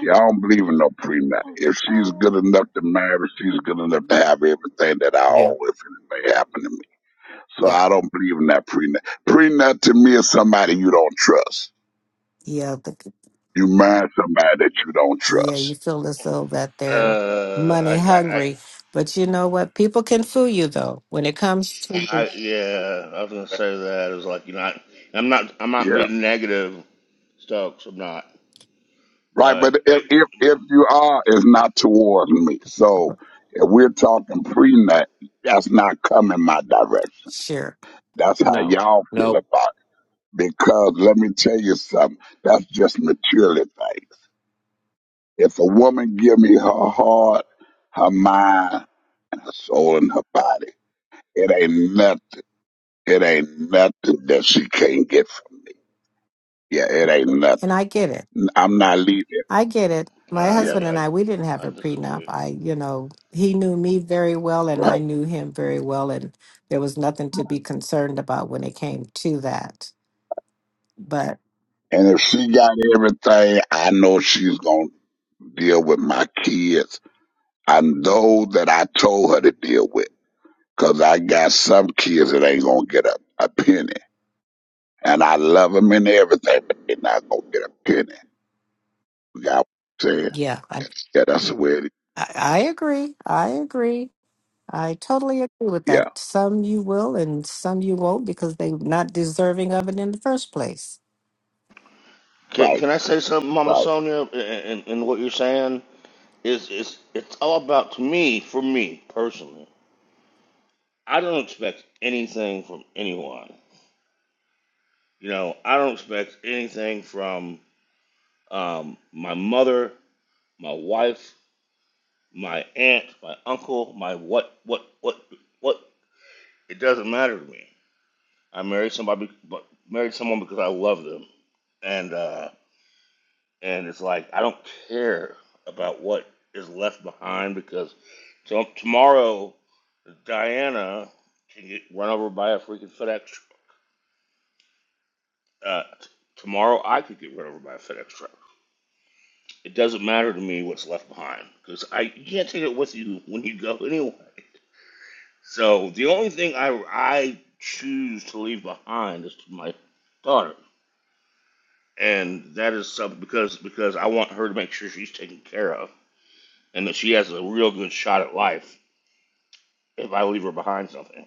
Speaker 4: Yeah, I don't believe in no prenup. If she's
Speaker 5: Oh.
Speaker 4: good enough to marry, she's good enough to have everything that I owe
Speaker 3: Yep,
Speaker 4: if it may happen to me. So
Speaker 3: yep.
Speaker 4: I don't believe in that prenup. Prenup to me is somebody you don't trust.
Speaker 7: Yeah,
Speaker 4: You marry somebody that you don't
Speaker 7: Yeah, you
Speaker 4: trust.
Speaker 7: feel as though that they're
Speaker 2: Uh, I
Speaker 7: money
Speaker 2: I
Speaker 7: hungry. But you know what? People can fool you though when it comes to
Speaker 2: I yeah, I was gonna say that. It was like you're not. I'm not. I'm not
Speaker 4: Yeah.
Speaker 2: being negative, Stokes. I'm not.
Speaker 4: Right, but
Speaker 2: But
Speaker 4: if
Speaker 2: people,
Speaker 4: if, if you are, it's not towards me. So if we're talking prenup, that's not coming my direction.
Speaker 7: sure.
Speaker 4: That's how
Speaker 3: No,
Speaker 4: y'all feel
Speaker 3: no.
Speaker 4: about it. Because let me tell you something, that's just materialistic. If a woman give me her heart, her mind, and her soul and her body, it ain't nothing. It ain't nothing that she can't get from. me. Yeah, it ain't nothing.
Speaker 7: And I get it.
Speaker 4: I'm not leaving.
Speaker 7: I get it. My
Speaker 4: Yeah,
Speaker 7: husband and
Speaker 2: I
Speaker 7: I, we didn't
Speaker 2: I,
Speaker 7: have
Speaker 2: I
Speaker 7: a prenup.
Speaker 2: disagree.
Speaker 7: I, you know, he knew me very well and I
Speaker 4: right.
Speaker 7: knew him very well and there was nothing to be concerned about when it came to that. But
Speaker 4: And if she got everything, I know she's gonna deal with my kids and those that I told her to deal with, 'cause I got some kids that ain't gonna get a, a penny. And I love them and everything, but they're not gonna get a penny. You got what I'm saying?
Speaker 7: yeah, I
Speaker 4: Yeah, that's the way it is.
Speaker 7: I, I agree. I agree. I totally agree with
Speaker 4: Yeah.
Speaker 7: that. Some you will and some you won't because they're not deserving of it in the first place.
Speaker 2: Can,
Speaker 4: Right,
Speaker 2: can I say something, Mama
Speaker 4: right.
Speaker 2: Sonia? And, and, what you're saying is it's it's all about to me for me personally. I don't expect anything from anyone. You know, I don't expect anything from um, my mother, my wife, my aunt, my uncle, my what what what what It doesn't matter to me. I married somebody, but married someone because I love them, and uh, and it's like I don't care about what is left behind because to- tomorrow Diana can get run over by a freaking FedEx. tr- Uh, t- tomorrow I could get run over by a FedEx truck. It doesn't matter to me what's left behind because I you can't take it with you when you go anyway. So the only thing I I choose to leave behind is my daughter. and that is something because because I want her to make sure she's taken care of and that she has a real good shot at life if I leave her behind something.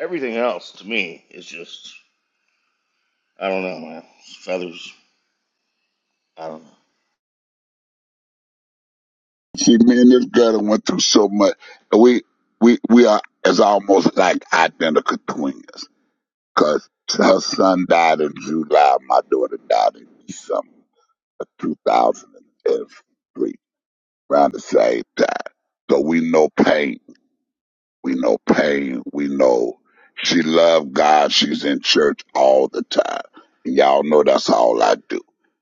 Speaker 2: Everything else to me is just I don't know, man. feathers. I don't know.
Speaker 4: See, me and this girl done went through so much. And we we we are as almost like identical twins. Cause her son died in July, my daughter died in December of 2003, around the same time. So we know pain. We know pain. We know she loved God. She's in church all the time. And y'all know that's all I do.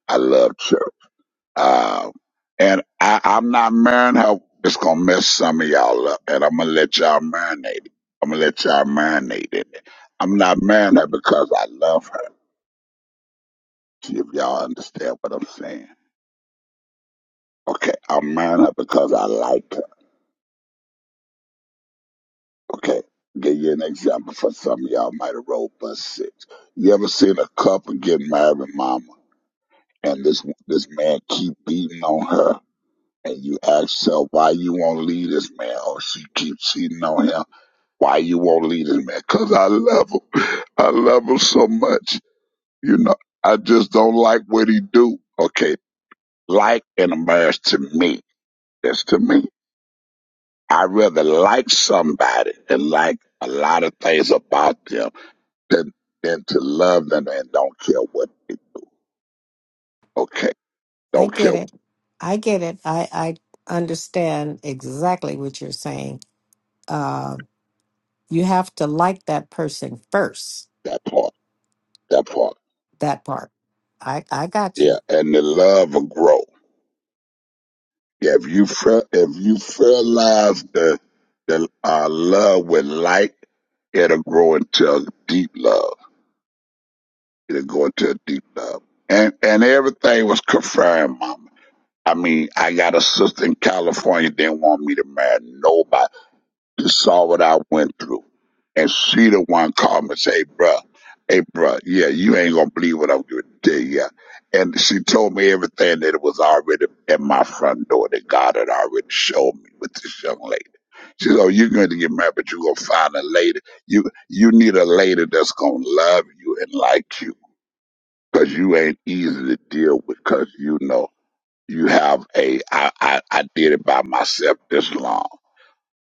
Speaker 4: I love church. Uh, and I, I'm not marrying her. It's gonna mess some of y'all up, and I'm gonna let y'all marinate. it. I'm gonna let y'all marinate in it. I'm not marrying her because I love her. See if y'all understand what I'm saying. Okay, I'm marrying her because I like her. Okay, give you an example for some of y'all might have rolled bus six. You ever seen a couple get married, mama, and this this man keep beating on her, and you ask her why you won't leave this man? Oh, she keeps cheating on him Why you won't leave this man? Cause I love him. I love him so much. You know, I just don't like what he do. Okay, like in a marriage to me. That's to me. I rather like somebody and like a lot of things about them than than to love them and don't care what. They, do. okay,
Speaker 7: I
Speaker 4: don't care
Speaker 7: get it. I get it. I, I understand exactly what you're saying. Uh, you have to like that person first,
Speaker 4: that part. That part.
Speaker 7: that part. I, I got
Speaker 4: Yeah,
Speaker 7: you.
Speaker 4: and the love will grow. If you fer- if you fertilize the the uh, love with light, it'll grow into a deep love. It'll go into a deep love, and and everything was confirmed, Mama. I mean, I got a sister in California didn't want me to marry nobody and saw what I went through. And she the one called me and say, hey, bruh, hey, bruh, yeah, you ain't gonna believe what I'm gonna tell you. And she told me everything that was already at my front door that God had already showed me with this young lady. She said, oh, you're going to get married, but you're going to find a lady. You you need a lady that's going to love you and like you because you ain't easy to deal with because, you know, you have a, I, I, I did it by myself this long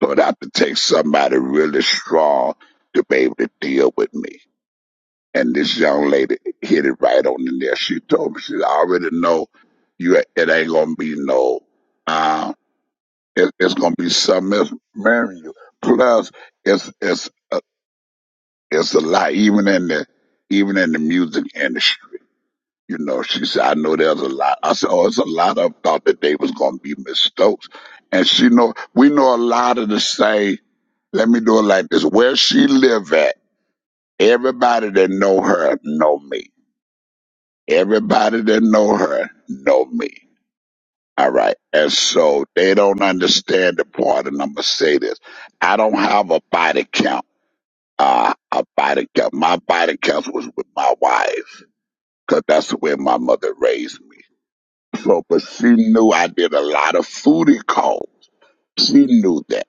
Speaker 4: but I have to take somebody really strong to be able to deal with me. And this young lady hit it right on the nail. She told me, she said, I already know you. It ain't gonna be no. Uh, it, it's gonna be something else marrying you. Plus, it's it's uh, it's a lot. Even in the even in the music industry. You know, she said, I know there's a lot. I said, oh, it's a lot of them thought that they was going to be Miss Stokes. And she know, we know a lot of the same. Let me do it like this. Where she live at, everybody that know her know me. Everybody that know her know me. All right. And so they don't understand the part, and I'm going to say this. I don't have a body count. Uh, a body count. My body count was with my wife because that's the way my mother raised me. So, but she knew I did a lot of foodie calls. She knew that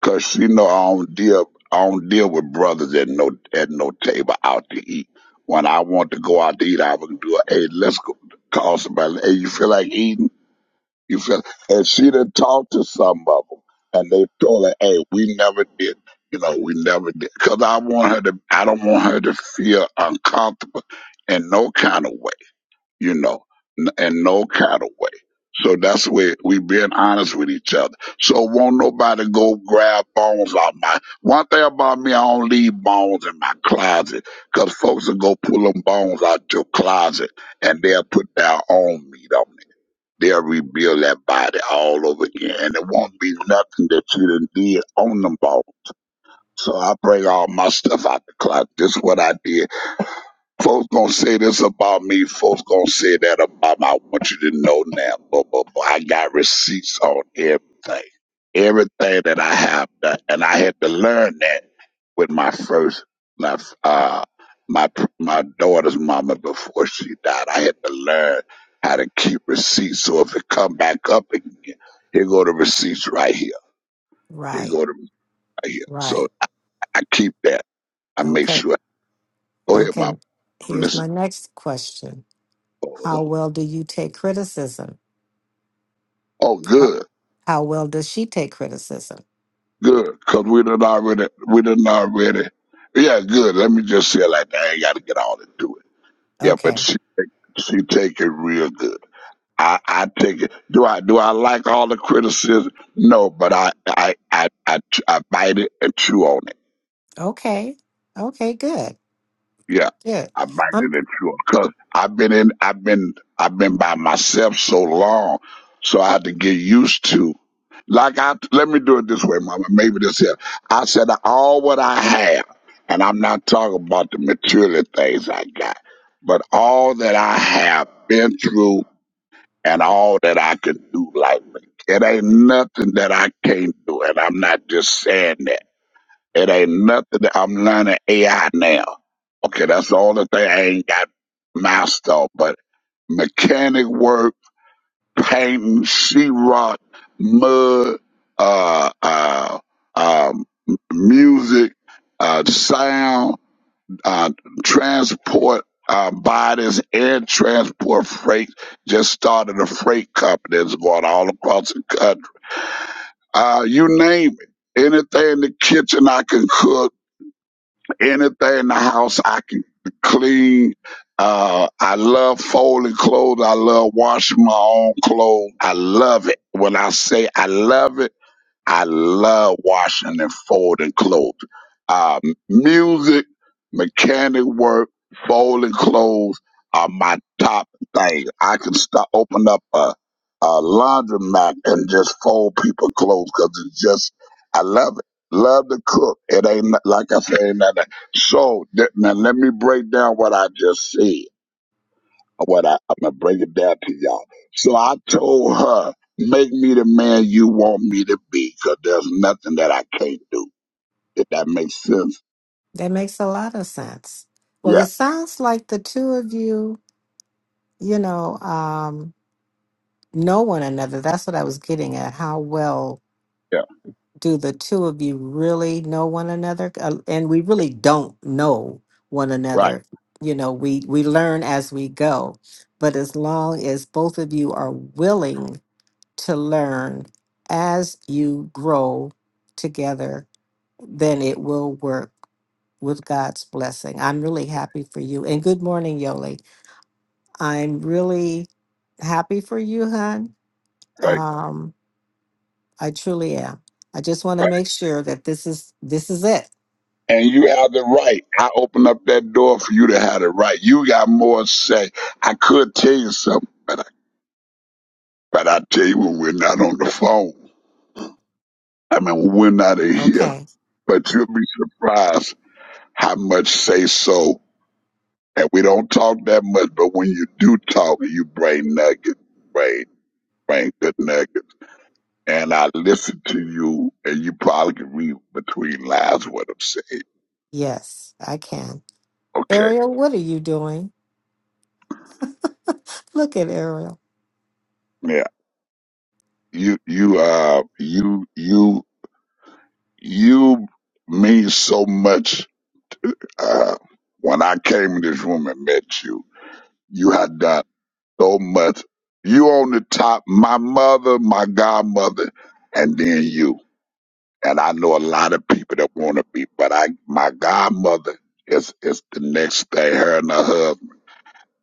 Speaker 4: because she know I don't deal, I don't deal with brothers at no at no table out to eat. When I want to go out to eat, I would do a hey, let's go call somebody. Hey, you feel like eating? You feel? And she done talked to some of them, and they told her, hey, we never did. You know, we never did. Cause I want her to, I don't want her to feel uncomfortable in no kind of way you know, n- and no cattle way. So that's where we being honest with each other. So won't nobody go grab bones out my. One thing about me, I don't leave bones in my closet, 'cause folks will go pull them bones out your closet and they'll put their own meat on it. They'll rebuild that body all over again, and it won't be nothing that you done did on them bones. So I bring all my stuff out the closet. This is what I did Folks gonna say this about me. Folks gonna say that about me. I want you to know now, but, but, but I got receipts on everything, everything that I have done, and I had to learn that with my first, my uh, my my daughter's mama before she died. I had to learn how to keep receipts. So if it come back up again, here go the receipts right here. Here
Speaker 7: Right,
Speaker 4: go the right here. So
Speaker 7: right.
Speaker 4: I I keep that. I make
Speaker 7: Okay,
Speaker 4: sure. Go ahead,
Speaker 7: okay.
Speaker 4: mama.
Speaker 7: Here's my
Speaker 4: Listen.
Speaker 7: next question How
Speaker 4: Oh,
Speaker 7: well do you take criticism?
Speaker 4: oh,
Speaker 7: How,
Speaker 4: good.
Speaker 7: how well does she take criticism?
Speaker 4: Good, cause we done already, we done already. Yeah, good. Let me just say it like that. I ain't got to get all into it. Yeah, but
Speaker 7: Okay,
Speaker 4: she, she take it real good. I, I take it. Do I, do I like all the criticism? No, but I, I, I, I, I bite it and chew on it.
Speaker 7: okay, okay, good.
Speaker 4: Yeah,
Speaker 7: Yeah,
Speaker 4: I might
Speaker 7: I'm,
Speaker 4: have it true. Cause I've been in, I've been, I've been by myself so long, so I had to get used to. Like I, let me do it this way, Mama. Maybe this here. I said all what I have, and I'm not talking about the material things I got, but all that I have been through and all that I could do. Like it ain't nothing that I can't do, and I'm not just saying that. It ain't nothing that I'm learning AI now. Okay, that's the only thing I ain't got mastered, on, but mechanic work, painting, sheetrock, mud, uh, uh, um, music, uh, sound, uh, transport, uh, bodies, air transport freight. Just started a freight company that's going all across the country. Uh, you name it. Anything in the kitchen I can cook anything in the house I can clean. Uh, I love folding clothes. I love washing my own clothes. I love it. When I say I love it, I love washing and folding clothes. Uh, music, mechanic work, folding clothes are my top thing. I can start open up a, a laundromat and just fold people clothes because it's just I love it. Love to cook. It ain't no- like I say. Ain't nothing. So th- now let me break down what I just said what I, I'm gonna break it down to y'all. So I told her, make me the man you want me to be, 'cause there's nothing that I can't do. If that makes sense.
Speaker 7: that makes a lot of sense. Well, it
Speaker 4: Yeah,
Speaker 7: sounds like the two of you, you know, um, know one another. That's what I was getting at. How well
Speaker 4: yeah,
Speaker 7: do the two of you really know one another? Uh, and we really don't know one
Speaker 4: right,
Speaker 7: another. You know, we we learn as we go. But as long as both of you are willing to learn as you grow together, then it will work with God's blessing. I'm really happy for you. And good morning, Yoli. I'm really happy for you, hon.
Speaker 4: right,
Speaker 7: Um, I truly am. I just want to
Speaker 4: right.
Speaker 7: make sure that this is this is it.
Speaker 4: And you have the right. I open up that door for you to have the right. You got more to say. I could tell you something, but I, but I tell you when we're not on the phone. I mean, when we're not in here.
Speaker 7: Okay.
Speaker 4: But you'll be surprised how much say so And we don't talk that much, but when you do talk, you bring nuggets, bring, bring good nuggets. And I listen to you, and you probably can read between lines what I'm saying.
Speaker 7: Yes, I can.
Speaker 4: Okay,
Speaker 7: Ariel, what are you doing? Look at Ariel.
Speaker 4: yeah, you, you, uh, you, you, you mean so much. Uh, when I came in this room and met you, you had done so much. You on the top, my mother, my godmother, and then you. and I know a lot of people that want to be, but I, my godmother is is the next thing. Her and her husband,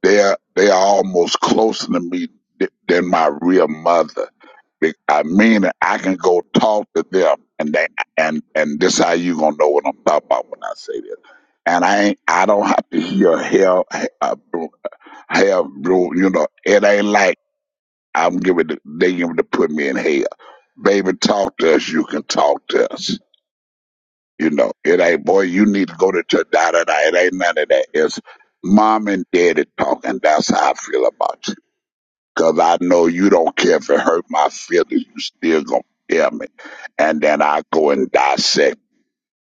Speaker 4: they're they're almost closer to me th- than my real mother. Be- I mean, I can go talk to them, and they and and this how you gonna know what I'm talking about when I say this. And I ain't, I don't have to hear hell, hell, hell, you know, it ain't like I'm giving, the, they giving to put me in hell. Baby, talk to us. You can talk to us you know, it ain't boy, you need to go to church, da da da. It ain't none of that. It's mom and daddy talking. That's how I feel about you. Cause I know you don't care if it hurt my feelings, you still gonna tell me. And then I go and dissect.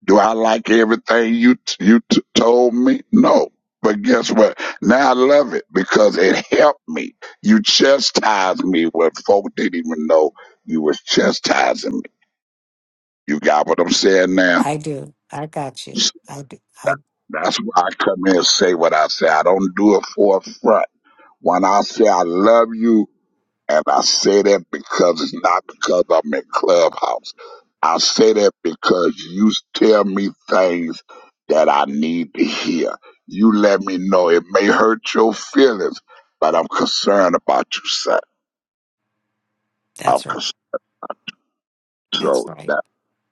Speaker 4: Do I like everything you t- you t- told me? No. But guess what? Now I love it because it helped me. You chastised me when folk didn't even know you was chastising me. You got what I'm saying now?
Speaker 7: I do. I got you. I do. I
Speaker 4: That's why I come here and say what I say. I don't do it for a front. When I say I love you, and I say that because it's not because I'm in Clubhouse. I say that because you tell me things that I need to hear. You let me know it may hurt your feelings, but I'm concerned about you, son. I'm
Speaker 7: that's right.
Speaker 4: concerned.
Speaker 7: That's
Speaker 4: So
Speaker 7: right.
Speaker 4: that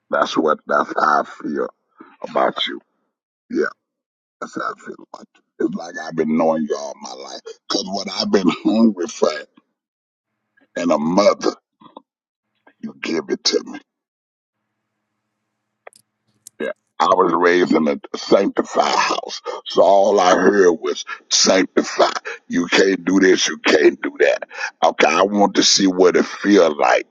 Speaker 4: that's what that's how I feel about you. Yeah. That's how I feel like. It's like I've been knowing you all my life. Because what I've been hungry for and a mother, you give it to me. Yeah. I was raised in a sanctified house. So all I heard was sanctify. You can't do this, you can't do that. Okay, I want to see what it feel like,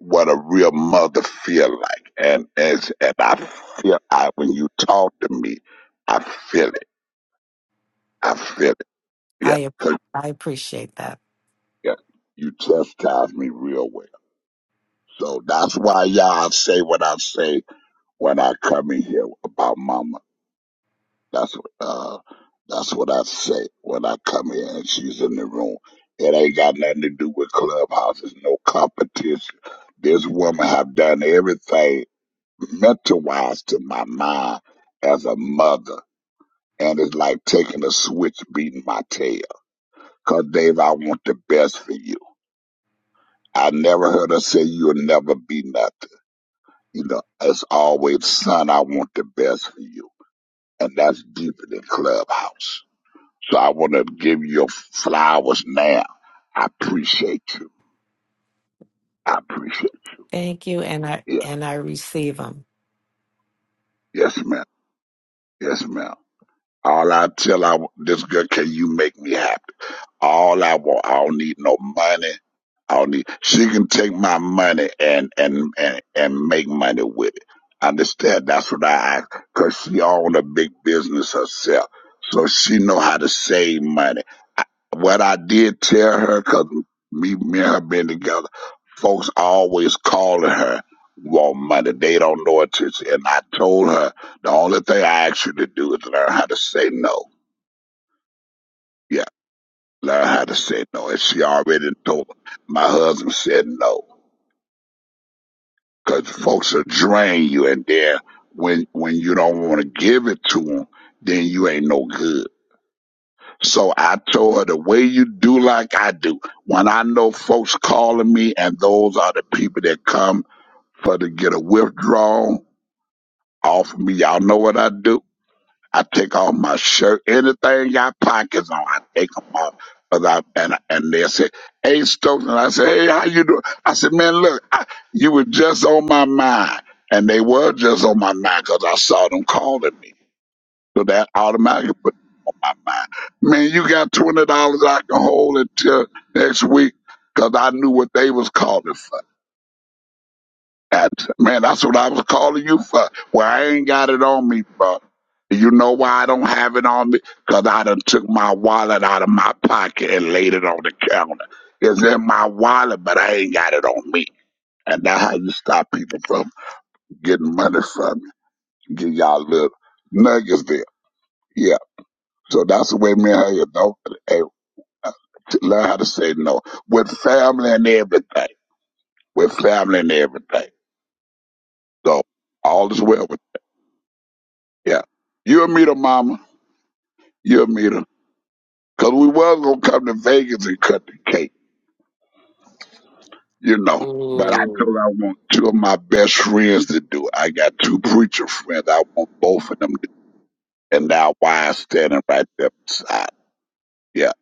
Speaker 4: what a real mother feel like. And as and I feel I when you talk to me, I feel it. I feel it. Yeah.
Speaker 7: I ap-
Speaker 4: 'Cause,
Speaker 7: I appreciate that.
Speaker 4: yeah, you chastise me real well. So that's why y'all say what I say when I come in here about mama. That's what uh that's what I say when I come here and she's in the room. It ain't got nothing to do with clubhouses, no competition. This woman have done everything mental wise to my mind as a mother. And it's like taking a switch beating my tail. Cause Dave, I want the best for you. I never heard her say you'll never be nothing. You know, as always, son, I want the best for you. And that's deeper than Clubhouse. So I want to give you your flowers now. I appreciate you. I appreciate
Speaker 7: Thank you and I
Speaker 4: you. Yeah.
Speaker 7: and I receive them.
Speaker 4: Yes, ma'am. Yes, ma'am. All I tell I, this girl, can you make me happy? All I want, I don't need no money. I don't need. She can take my money and and and and make money with it. Understand? That's what I ask. Cause she own a big business herself, so she know how to save money. What I did tell her, cause me, me and her been together, folks always calling her want money. They don't know it. It's- And I told her the only thing I ask you to do is learn how to say no. Yeah learn how to say no. And she already told my husband said no, cause folks will drain you, and then when when you don't want to give it to them, then you ain't no good. So I told her the way you do like I do. When I know folks calling me, and those are the people that come for to get a withdrawal off of me, y'all know what I do. I take off my shirt. Anything got pockets on, I take them off. 'Cause I, and, and they said, hey, Stokes. And I said, hey, how you doing? I said, man, look, I, you were just on my mind. And they were just on my mind 'cause I saw them calling me. So that automatically put them on my mind. Man, you got $20 I can hold until next week 'cause I knew what they was calling for. That's, man, that's what I was calling you for. Well, I ain't got it on me, bro. You know why I don't have it on me? Cause I done took my wallet out of my pocket and laid it on the counter. It's in my wallet, but I ain't got it on me. And that's how you stop people from getting money from you. Give y'all little nuggets there. Yeah. So that's the way me and her, don't, hey, uh, to learn how to say no with family and everything. With family and everything. So all is well. Yeah. You'll meet her, mama. You'll meet her. Because we was going to come to Vegas and cut the cake, you know. But I told
Speaker 3: Ooh.
Speaker 4: her I want two of my best friends to do it. I got two preacher friends. I want both of them to do it. And now wives standing right there beside. Yeah.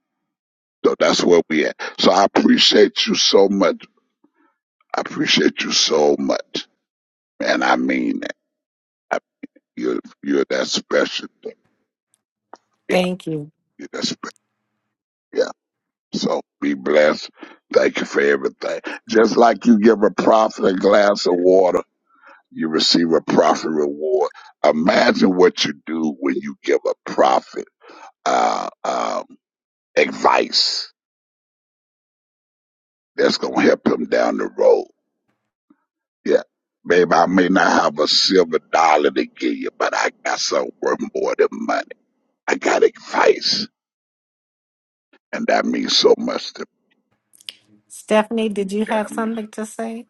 Speaker 4: So that's where we at. So I appreciate you so much. I appreciate you so much. And I mean that. I, you're, you're that special. thing. Yeah.
Speaker 7: Thank you.
Speaker 4: You're that special. So be blessed. Thank you for everything. Just like you give a prophet a glass of water, you receive a prophet reward. Imagine what you do when you give a prophet uh, um, advice that's going to help him down the road. Yeah. Baby, I may not have a silver dollar to give you, but I got something worth more than money. I got advice, and that means so much to
Speaker 7: Stephanie, did you have
Speaker 4: me. That
Speaker 7: something to say?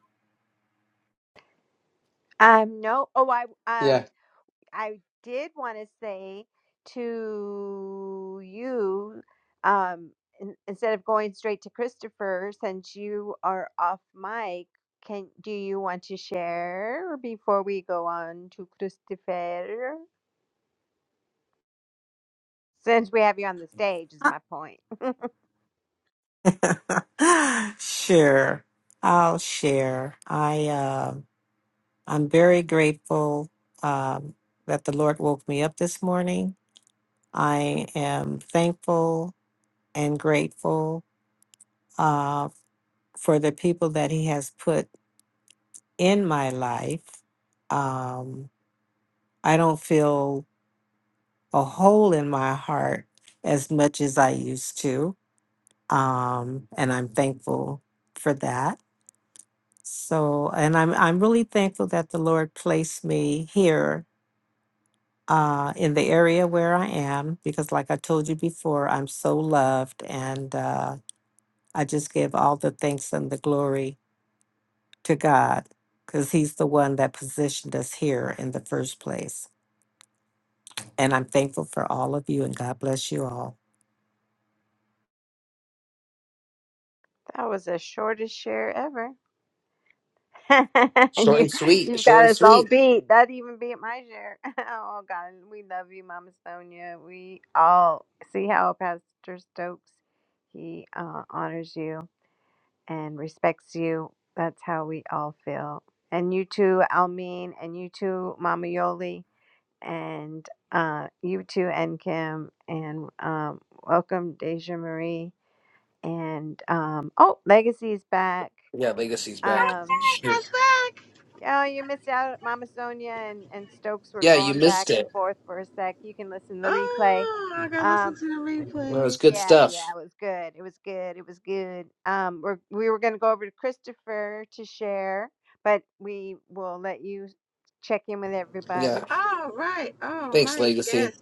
Speaker 5: Um, no. Oh, I um,
Speaker 3: Yeah.
Speaker 5: I did want to say to you, um, in, instead of going straight to Christopher, since you are off mic, can do you want to share before we go on to Christopher? Since we have you on the stage, is my point.
Speaker 7: sure. I'll share. I uh, I'm very grateful um, that the Lord woke me up this morning. I am thankful and grateful uh, for the people that He has put in my life. Um, I don't feel a hole in my heart as much as I used to, um, and I'm thankful for that. So, and I'm I'm really thankful that the Lord placed me here uh, in the area where I am because, like I told you before, I'm so loved, and uh, I just give all the thanks and the glory to God because He's the one that positioned us here in the first place. And I'm thankful for all of you, and God bless you all.
Speaker 5: That was the shortest share ever.
Speaker 3: Short
Speaker 5: you,
Speaker 3: and sweet.
Speaker 5: you've
Speaker 3: Short
Speaker 5: got
Speaker 3: and
Speaker 5: us all
Speaker 3: sweet.
Speaker 5: beat. That even beat my share. Oh, God. We love you, Mama Sonia. We all see how Pastor Stokes, he uh, honors you and respects you. That's how we all feel. And you too, Almeen, and you too, Mama Yoli, and uh, you too, and Kim, and um, welcome, Deja Marie. And um, oh, Legacy's back.
Speaker 3: Yeah, Legacy's back.
Speaker 5: Um,
Speaker 3: Shoot.
Speaker 1: flashback.
Speaker 5: Oh, you missed out. Mama Sonia and, and Stokes were
Speaker 3: Yeah, you
Speaker 5: going back
Speaker 3: missed
Speaker 5: and
Speaker 3: it.
Speaker 5: forth for a sec. You can listen to the replay.
Speaker 1: Oh, I gotta listen
Speaker 5: Um,
Speaker 1: to the
Speaker 3: Well, it was
Speaker 1: replay.
Speaker 3: good
Speaker 5: yeah, yeah,
Speaker 3: stuff.
Speaker 5: it was good. It was good. It was good. Um, we're, we were going to go over to Christopher to share, but we will let you check in with
Speaker 3: Yeah.
Speaker 5: everybody.
Speaker 1: All right, all
Speaker 3: Thanks,
Speaker 1: right. Yes,
Speaker 3: Legacy.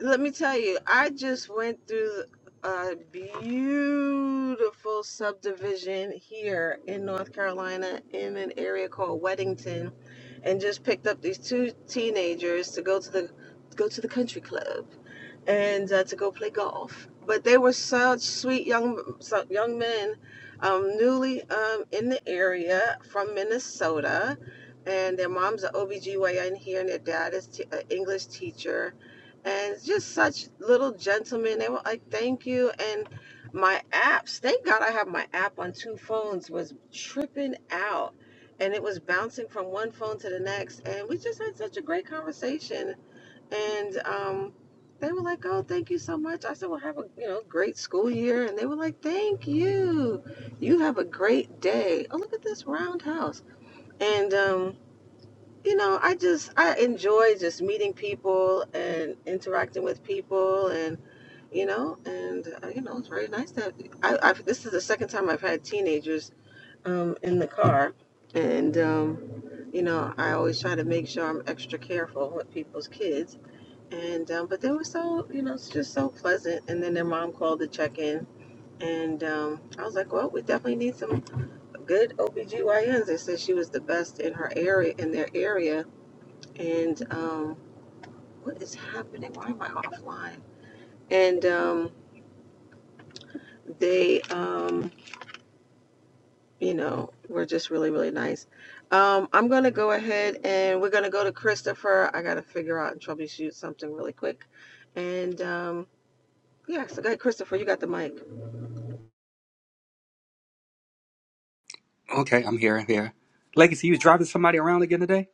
Speaker 1: let me tell you, I just went through a beautiful subdivision here in North Carolina in an area called Weddington and just picked up these two teenagers to go to the go to the country club and uh, to go play golf. But they were such sweet young so- young men, um, newly um, in the area from Minnesota, and their mom's an OBGYN here, and their dad is t- an English teacher and it's just such little gentlemen. They were like, "Thank you." And my apps, thank God I have my app on two phones, was tripping out, and it was bouncing from one phone to the next. And we just had such a great conversation. And um, they were like, "Oh, thank you so much." I said, "Well, have a you know great school year," and they were like, "Thank you. You have a great day." Oh, look at this roundhouse. And um, you know, I just I enjoy just meeting people and interacting with people, and you know, and uh, you know, it's very nice to have. I, I've, this is the second time I've had teenagers um, in the car, and um, you know, I always try to make sure I'm extra careful with people's kids, and um, but they were so you know, it's just so pleasant. And then their mom called to check in. And um, I was like, well, we definitely need some good OBGYNs. They said she was the best in her area, in their area, and um, what is happening? Why am I offline? And um, they, um, you know, were just really, really nice. Um, I'm going to go ahead and we're going to go to Christopher. I got to figure out and troubleshoot something really quick. And um, yeah, so go ahead, Christopher, you got the mic.
Speaker 6: been Okay, I'm here, here. Legacy, you was driving somebody around again today?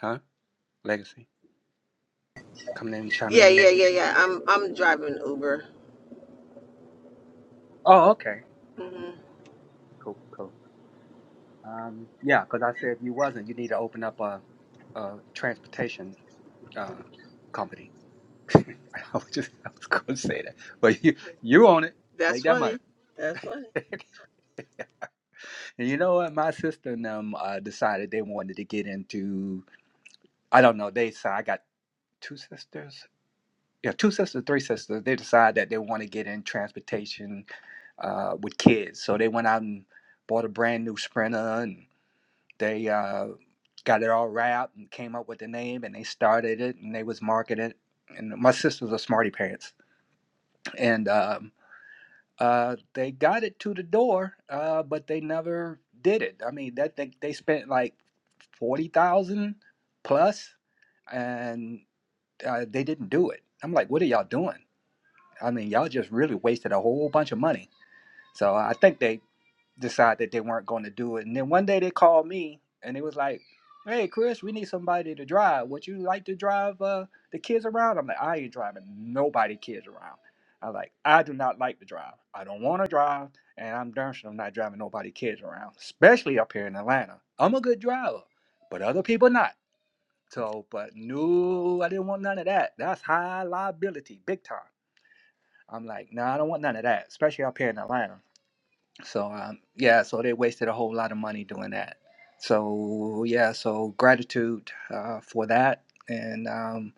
Speaker 6: Huh? Legacy. Coming in, chiming
Speaker 1: Yeah,
Speaker 6: in
Speaker 1: yeah,
Speaker 6: later.
Speaker 1: yeah, yeah. I'm I'm driving Uber.
Speaker 6: Oh, okay.
Speaker 1: hmm
Speaker 6: Cool, cool. Um, yeah, because I said if you wasn't, you need to open up a, a transportation uh, company. I was just I was gonna say that. But you you own it.
Speaker 1: That's
Speaker 6: Make that money.
Speaker 1: funny. That's funny.
Speaker 6: And you know what? My sister and them uh, decided they wanted to get into I don't know. They said I got. two sisters yeah two sisters three sisters they decide that they want to get in transportation uh, with kids so they went out and bought a brand new sprinter and they uh, got it all wrapped and came up with the name and they started it and they was marketing and my sisters are smarty pants and um, uh, they got it to the door uh, but they never did it i mean that they, they spent like 40000 plus and uh, they didn't do it i'm like what are y'all doing I mean, y'all just really wasted a whole bunch of money. So I think they decided that they weren't going to do it. And then one day they called me and it was like, "Hey, Chris, we need somebody to drive. Would you like to drive uh, the kids around?" I'm like, "I ain't driving nobody kids around." I'm like, "I do not like to drive. I don't want to drive, and I'm darn sure I'm not driving nobody kids around, especially up here in Atlanta. I'm a good driver, but other people not." So, but no, I didn't want none of that. That's high liability, big time. I'm like, no, nah, I don't want none of that, especially up here in Atlanta. So um, yeah, so they wasted a whole lot of money doing that. So yeah, so gratitude uh, for that, and um,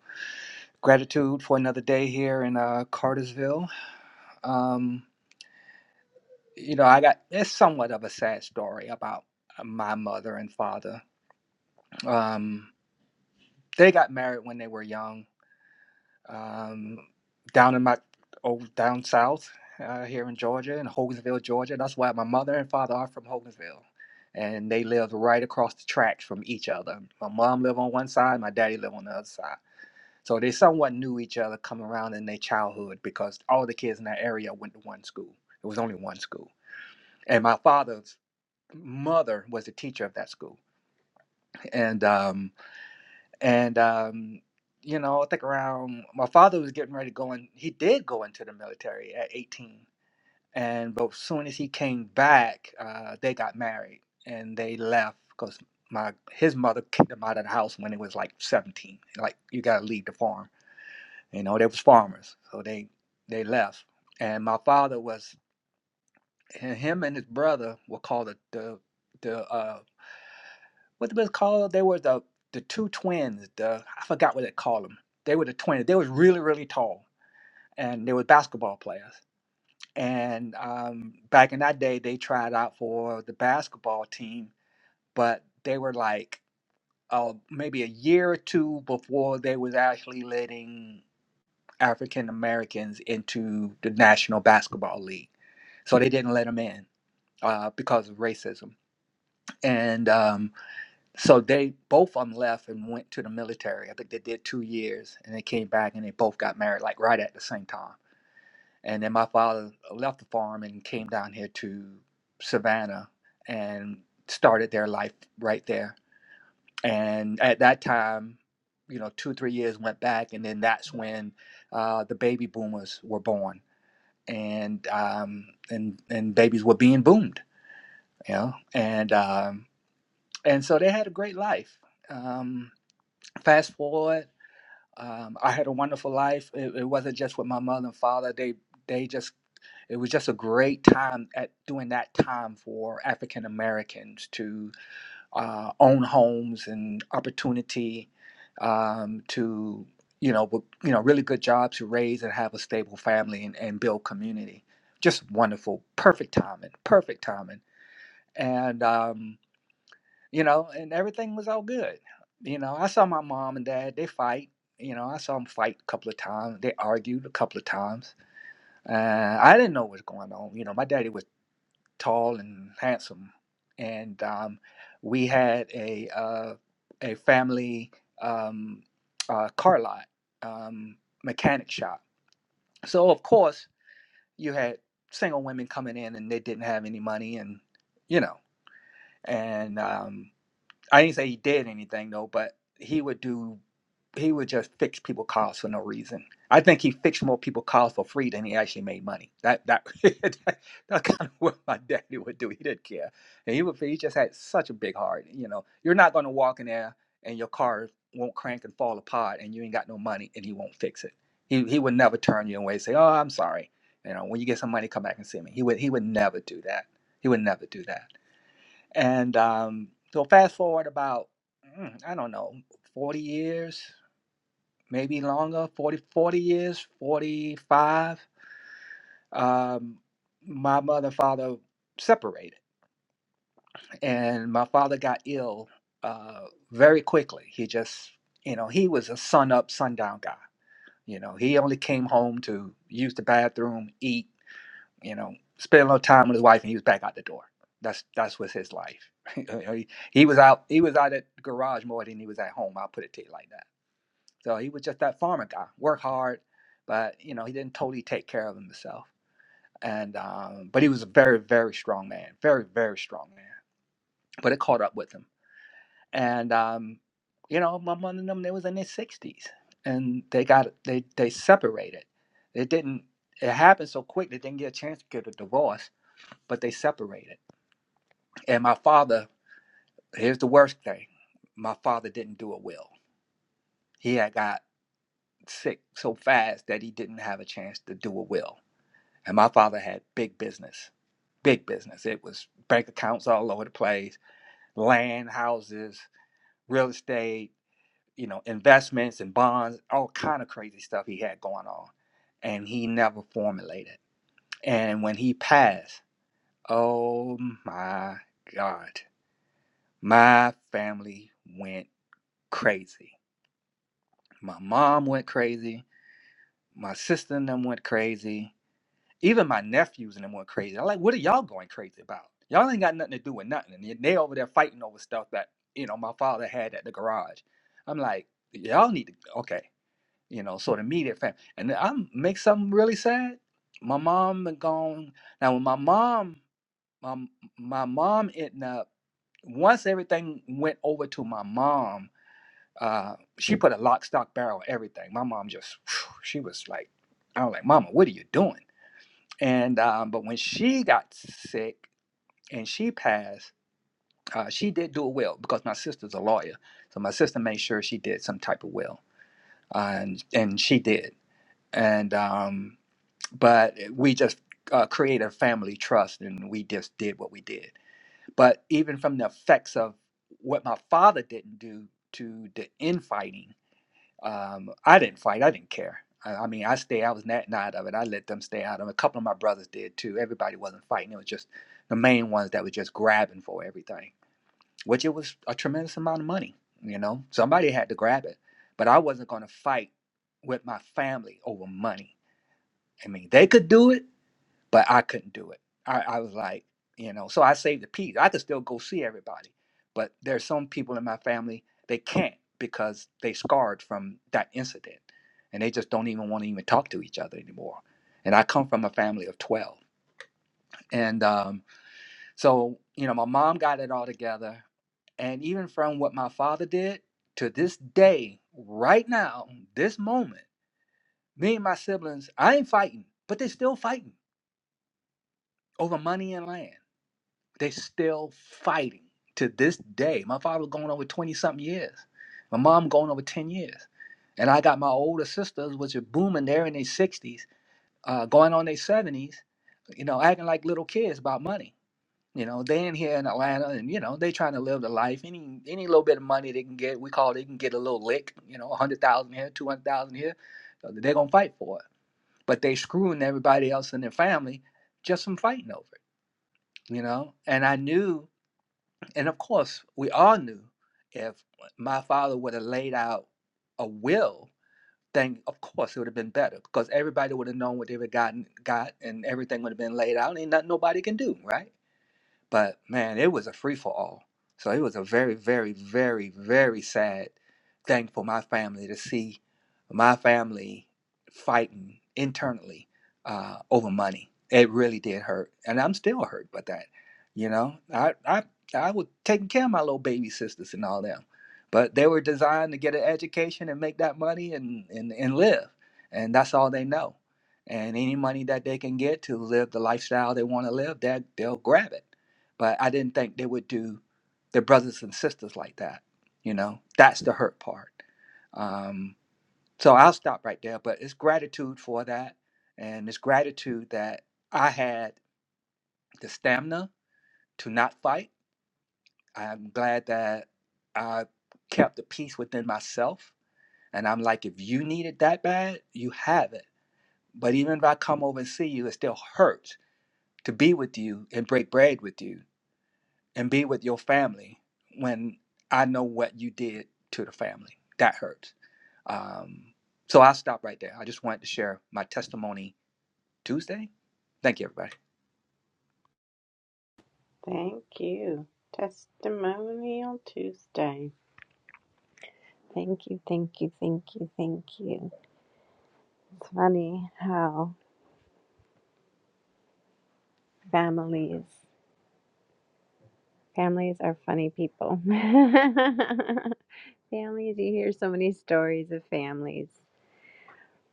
Speaker 6: gratitude for another day here in uh, Cartersville. Um, you know, I got it's somewhat of a sad story about uh, my mother and father. Um, they got married when they were young um, down in my old down south uh, here in Georgia, in Hogansville, Georgia. That's why my mother and father are from Hogansville, and they lived right across the tracks from each other. My mom lived on one side, my daddy lived on the other side. So they somewhat knew each other coming around in their childhood because all the kids in that area went to one school. It was only one school, and my father's mother was a teacher of that school, and um, and um, you know, I think around my father was getting ready to go in. He did go into the military at 18, and but as soon as he came back, uh, they got married and they left because my his mother kicked him out of the house when he was like 17. Like you gotta leave the farm. You know, they was farmers, so they they left. And my father was him and his brother were called the the, the, uh, what they was called? They were the the two twins. The I forgot what they called them. They were the twins. They was really really tall, and they were basketball players. And um, back in that day, they tried out for the basketball team, but they were like uh, maybe a year or two before they was actually letting African Americans into the National Basketball League. So they didn't let them in uh, because of racism. And um, So they both of them left and went to the military. I think they did two years and they came back and they both got married like right at the same time. And then my father left the farm and came down here to Savannah and started their life right there. And at that time, you know, two three years went back, and then that's when uh, the baby boomers were born, and um, and and babies were being boomed, you know, and um, and so they had a great life. Um, fast forward, um, I had a wonderful life. It, it wasn't just with my mother and father. They they just it was just a great time at doing that time for African Americans to uh, own homes and opportunity um, to you know wo- you know really good jobs to raise and have a stable family and, and build community. Just wonderful, perfect timing, perfect timing, and. Um, you know, and everything was all good. You know, I saw my mom and dad, they fight. You know, I saw them fight a couple of times. They argued a couple of times. Uh, I didn't know what was going on. You know, my daddy was tall and handsome. And um, we had a, uh, a family um, uh, car lot, um, mechanic shop. So, of course, you had single women coming in and they didn't have any money and, you know, and um, I didn't say he did anything though, but he would do. He would just fix people's cars for no reason. I think he fixed more people's cars for free than he actually made money. That that that, that's kind of what my daddy would do. He didn't care, and he would. He just had such a big heart. You know, you're not going to walk in there and your car won't crank and fall apart, and you ain't got no money, and he won't fix it. He he would never turn you away. And say, oh, I'm sorry. You know, when you get some money, come back and see me. He would he would never do that. He would never do that. And um, so fast forward about, mm, I don't know, 40 years, maybe longer, 40, 40 years, 45, um, my mother and father separated. And my father got ill uh, very quickly. He just, you know, he was a sun up, sundown guy. You know, he only came home to use the bathroom, eat, you know, spent a little time with his wife, and he was back out the door. That's that's was his life. You know, he, he was out he was out at the garage more than he was at home. I'll put it to you like that. So he was just that farmer guy, work hard, but you know he didn't totally take care of himself. And um, but he was a very very strong man, very very strong man. But it caught up with him. And um, you know my mother and them they was in their sixties, and they got they they separated. It didn't. It happened so quick they didn't get a chance to get a divorce but they separated. And my father, here's the worst thing my father didn't do a will. He had got sick so fast that he didn't have a chance to do a will. And my father had big business, big business. It was bank accounts all over the place, land, houses, real estate, you know, investments and bonds, all kind of crazy stuff he had going on. And he never formulated. And when he passed, oh my God, my family went crazy. My mom went crazy. My sister and them went crazy. Even my nephews and them went crazy. I'm like, what are y'all going crazy about? Y'all ain't got nothing to do with nothing. And they over there fighting over stuff that, you know, my father had at the garage. I'm like, y'all need to, okay. You know, so the immediate family. And i make something really sad. My mom had gone. Now, when my mom, my, my mom ended up, once everything went over to my mom, Uh, she put a lock, stock, barrel, everything. My mom just, she was like, I was like, Mama, what are you doing? And um, but when she got sick and she passed, uh, she did do a will because my sister's a lawyer, so my sister made sure she did some type of will, uh, and and she did. And um, but we just uh, created a family trust, and we just did what we did. But even from the effects of what my father didn't do to the infighting Um, I didn't fight. I didn't care. I, I mean, I stayed. I was not night of it. I let them stay out of it. A couple of my brothers did too. Everybody wasn't fighting. It was just the main ones that were just grabbing for everything, which it was a tremendous amount of money. You know, somebody had to grab it, but I wasn't going to fight with my family over money. I mean, they could do it but I couldn't do it. I, I was like, you know, so I saved the peace. I could still go see everybody, but there's some people in my family they can't because they scarred from that incident, and they just don't even want to even talk to each other anymore. And I come from a family of twelve, and um, so you know, my mom got it all together, and even from what my father did to this day, right now, this moment, me and my siblings, I ain't fighting, but they still fighting over money and land They're still fighting to this day. My father going over 20 something years. My mom going over 10 years. And I got my older sisters, which are booming, they're in their 60s, uh, going on their 70s, you know, acting like little kids about money. You know, they in here in Atlanta and, you know, they trying to live the life. Any any little bit of money they can get, we call it. they can get a little lick, you know, 100000 here, 200000 here. uh, They're going to fight for it. But they screwing everybody else in their family just from fighting over it, you know? And I knew and of course, we all knew if my father would have laid out a will, then of course it would have been better because everybody would have known what they would have gotten got and everything would have been laid out. Ain't nothing nobody can do, right? But man, it was a free for all. So it was a very, very, very, very sad thing for my family to see my family fighting internally uh, over money. It really did hurt, and I'm still hurt by that. You know, I I I was taking care of my little baby sisters and all them, but they were designed to get an education and make that money and and, and live, and that's all they know. And any money that they can get to live the lifestyle they want to live, that they'll grab it but I didn't think they would do their brothers and sisters like that. You know, that's the hurt part. Um, so I'll stop right there, but it's gratitude for that. And it's gratitude that I had the stamina to not fight. I'm glad that I kept the peace within myself. And I'm like, if you need it that bad, you have it. But even if I come over and see you, it still hurts to be with you and break bread with you and be with your family when I know what you did to the family. That hurts. Um, so I'll stop right there. I just wanted to share my testimony Tuesday. Thank you, everybody.
Speaker 5: Thank you. Testimonial Tuesday. Thank you, thank you, thank you, thank you. It's funny how families families are funny people. Families, you hear so many stories of families.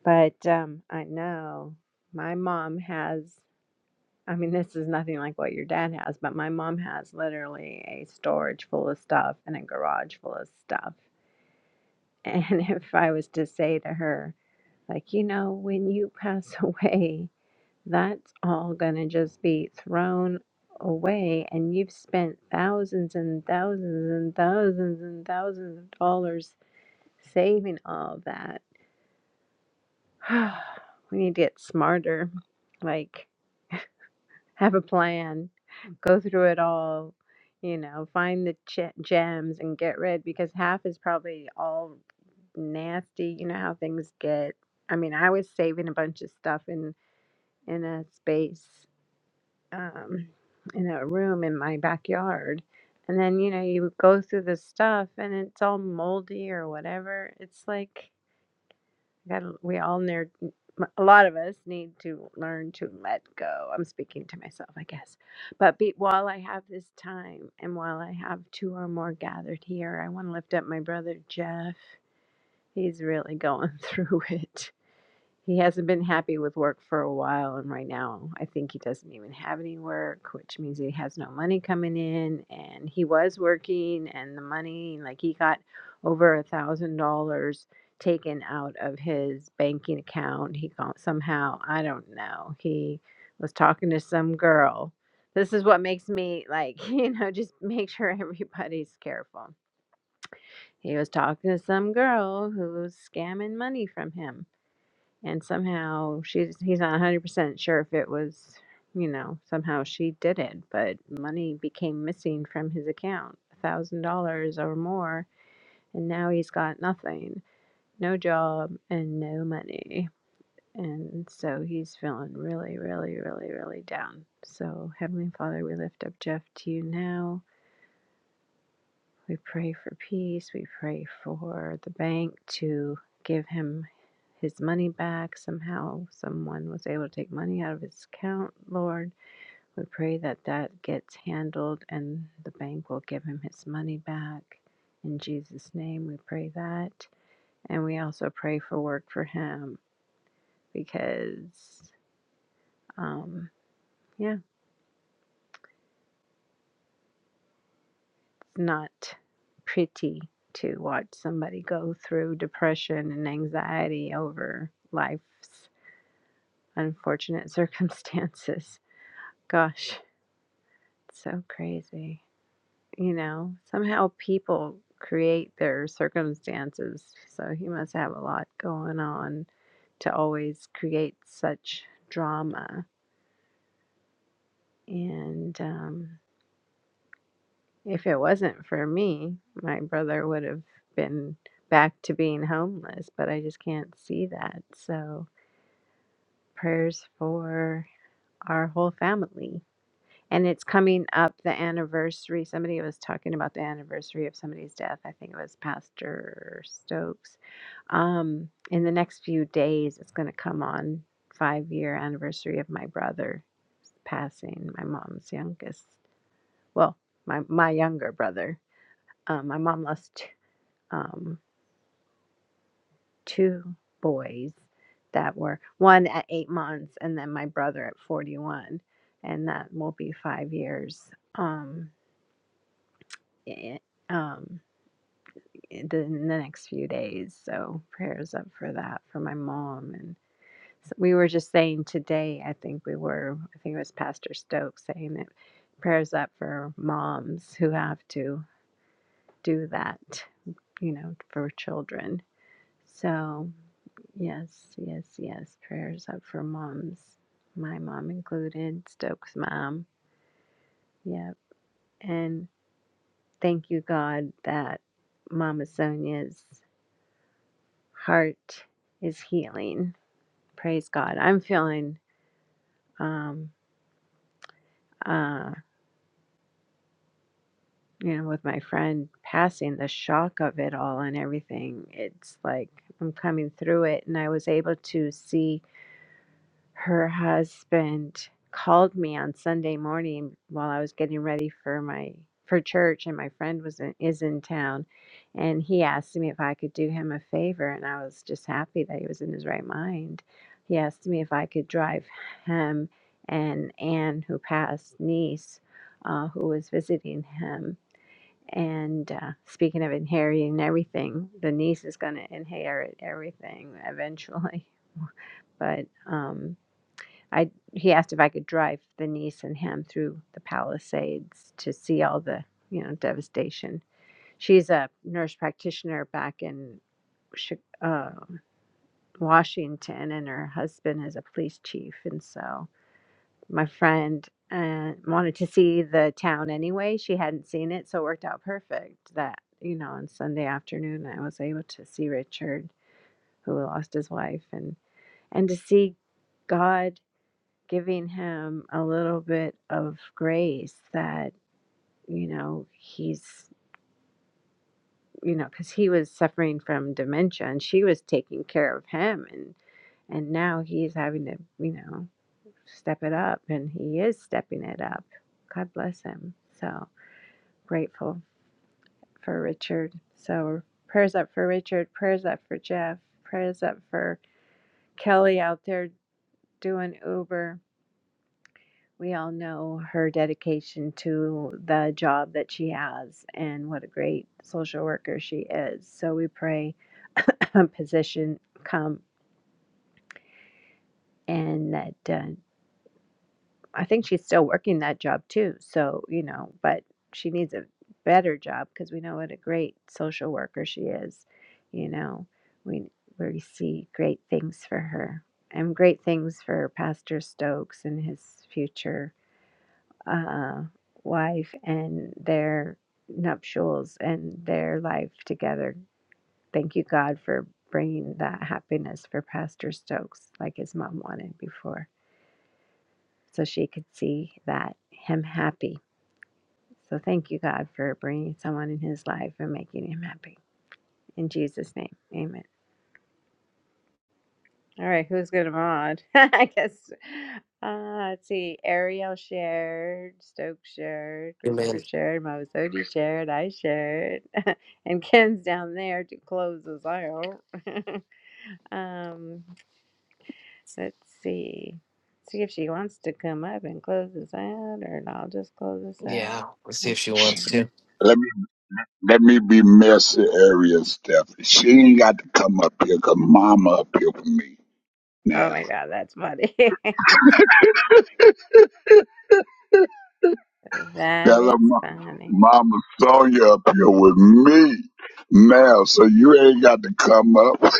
Speaker 5: But um, I know my mom has, I mean, this is nothing like what your dad has, but my mom has literally a storage full of stuff and a garage full of stuff. And if I was to say to her, like, you know, when you pass away, that's all going to just be thrown away. And you've spent thousands and thousands and thousands and thousands of dollars saving all of that we need to get smarter. Like, have a plan, go through it all, you know, find the ch- gems and get rid because half is probably all nasty. You know how things get. I mean, I was saving a bunch of stuff in in a space, um, in a room in my backyard, and then you know you go through the stuff and it's all moldy or whatever. It's like got We all near, a lot of us need to learn to let go. I'm speaking to myself, I guess. But be, while I have this time and while I have two or more gathered here, I want to lift up my brother Jeff. He's really going through it. He hasn't been happy with work for a while, and right now I think he doesn't even have any work, which means he has no money coming in. And he was working, and the money, like he got over a thousand dollars taken out of his banking account. He got somehow, I don't know, he was talking to some girl. This is what makes me like, you know, just make sure everybody's careful. He was talking to some girl who was scamming money from him and somehow she's he's not 100% sure if it was you know somehow she did it but money became missing from his account $1000 or more and now he's got nothing no job and no money and so he's feeling really really really really down so heavenly father we lift up jeff to you now we pray for peace. We pray for the bank to give him his money back somehow. Someone was able to take money out of his account, Lord. We pray that that gets handled and the bank will give him his money back. In Jesus' name, we pray that. And we also pray for work for him because, um, yeah. not pretty to watch somebody go through depression and anxiety over life's unfortunate circumstances. Gosh, it's so crazy. You know, somehow people create their circumstances. So he must have a lot going on to always create such drama. And um, If it wasn't for me, my brother would have been back to being homeless, but I just can't see that. So, prayers for our whole family. And it's coming up the anniversary. Somebody was talking about the anniversary of somebody's death. I think it was Pastor Stokes. Um, in the next few days, it's going to come on five year anniversary of my brother passing, my mom's youngest. Well, my my younger brother. Um, my mom lost um, two boys that were one at eight months and then my brother at 41 and that will be five years um, i- um, in the in the next few days so prayers up for that for my mom and so we were just saying today i think we were i think it was pastor stokes saying that prayers up for moms who have to do that you know for children so Yes, yes, yes. Prayers up for moms, my mom included, Stokes' mom. Yep. And thank you, God, that Mama Sonia's heart is healing. Praise God. I'm feeling, um, uh, you know, with my friend passing the shock of it all and everything, it's like I'm coming through it, and I was able to see her husband called me on Sunday morning while I was getting ready for my for church and my friend was in, is in town and he asked me if I could do him a favor and I was just happy that he was in his right mind. He asked me if I could drive him and Anne who passed niece uh, who was visiting him and uh, speaking of inheriting everything the niece is going to inherit everything eventually but um I he asked if I could drive the niece and him through the Palisades to see all the you know devastation. She's a nurse practitioner back in Chi- uh, Washington, and her husband is a police chief. And so my friend uh, wanted to see the town anyway. She hadn't seen it, so it worked out perfect that you know on Sunday afternoon I was able to see Richard, who lost his wife, and and to see God giving him a little bit of grace that, you know, he's, you know, because he was suffering from dementia and she was taking care of him. And, and now he's having to, you know, step it up and he is stepping it up. God bless him. So grateful for Richard. So prayers up for Richard, prayers up for Jeff, prayers up for Kelly out there doing Uber We all know her dedication to the job that she has and what a great social worker she is. So we pray position come and that uh, I think she's still working that job too. So, you know, but she needs a better job because we know what a great social worker she is. You know, we, we see great things for her and great things for Pastor Stokes and his future uh, wife and their nuptials and their life together. Thank you, God, for bringing that happiness for Pastor Stokes, like his mom wanted before, so she could see that him happy. So thank you, God, for bringing someone in his life and making him happy. In Jesus' name, Amen. All right, who's gonna mod? I guess. Uh, let's see. Ariel shared, Stokes shared,
Speaker 3: Good
Speaker 5: Christopher
Speaker 3: man.
Speaker 5: shared, Mavasodi shared, I shared, and Ken's down there to close us out. um, let's see. See if she wants to come up and close us out, or I'll just close us
Speaker 3: Yeah.
Speaker 5: out.
Speaker 3: Let's see if
Speaker 5: Let's
Speaker 3: she
Speaker 4: means-
Speaker 5: see.
Speaker 3: wants to.
Speaker 4: Let me be Mercy Aria's step. She ain't got to come up here 'cause Mama up here with me
Speaker 5: Oh
Speaker 4: now.
Speaker 5: my God, that's funny. that
Speaker 4: Tell
Speaker 5: is
Speaker 4: her Ma-
Speaker 5: funny.
Speaker 4: Mama Sonia up here with me now, so you ain't got to come up.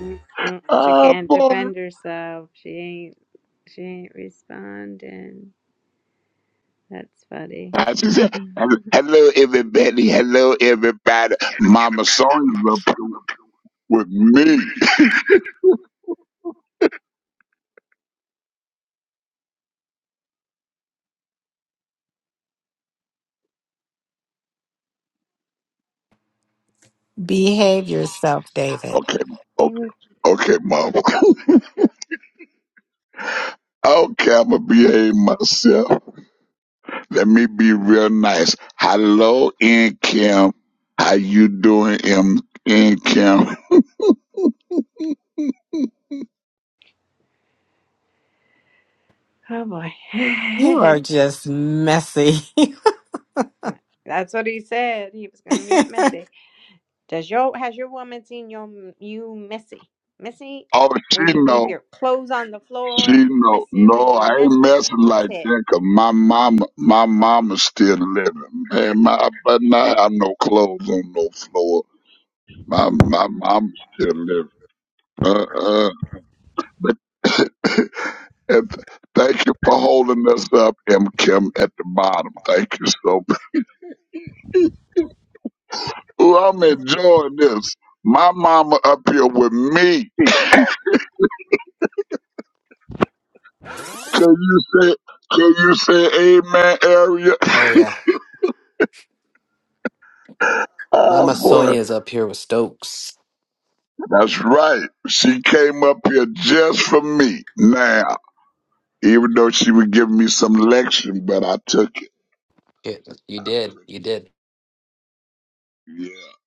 Speaker 5: Mm, mm, She
Speaker 4: Ah,
Speaker 5: can't
Speaker 4: boy.
Speaker 5: defend herself. She ain't. She ain't responding. That's funny.
Speaker 4: I just said, hello, everybody. Hello, everybody.
Speaker 5: Hello,
Speaker 4: Mama
Speaker 5: everybody.
Speaker 4: Sonya's
Speaker 5: Mama
Speaker 4: up here
Speaker 5: Sonya up
Speaker 4: with me.
Speaker 7: Behave yourself, David.
Speaker 4: Okay,
Speaker 5: here
Speaker 4: okay,
Speaker 5: with me.
Speaker 4: okay, Mama. okay, I'm going to behave myself. Let me be real nice. Hello, in Kim. How you doing, in in Kim?
Speaker 5: Oh
Speaker 7: You are
Speaker 5: boy.
Speaker 7: just messy.
Speaker 5: That's what he said. He was gonna get messy. Does your has your woman seen your you messy? Messy
Speaker 4: Oh,
Speaker 5: when
Speaker 4: she
Speaker 5: you leave
Speaker 4: know,
Speaker 5: your clothes on the
Speaker 4: she
Speaker 5: floor and
Speaker 4: know.
Speaker 5: messy
Speaker 4: No,
Speaker 5: when
Speaker 4: I
Speaker 5: you mess
Speaker 4: ain't
Speaker 5: with
Speaker 4: messing
Speaker 5: people's
Speaker 4: like
Speaker 5: heads.
Speaker 4: that 'cause my mama, my mama's still living. Man, my but now I have no clothes on no floor. My my mama's still living. Uh uh. But and thank you for holding us up, M Kim, at the bottom. Thank you so Ooh, I'm enjoying this. My mama up here with me. Can you say can you say amen, Area?
Speaker 3: Oh, yeah.
Speaker 4: Oh
Speaker 3: Mama
Speaker 4: boy.
Speaker 3: Sonia's up here with Stokes.
Speaker 4: That's right. She came up here just for me. Now, even though she was giving me some lecture, but I took it.
Speaker 3: Yeah, you
Speaker 4: I
Speaker 3: did.
Speaker 4: took
Speaker 3: You did.
Speaker 4: it. Yeah.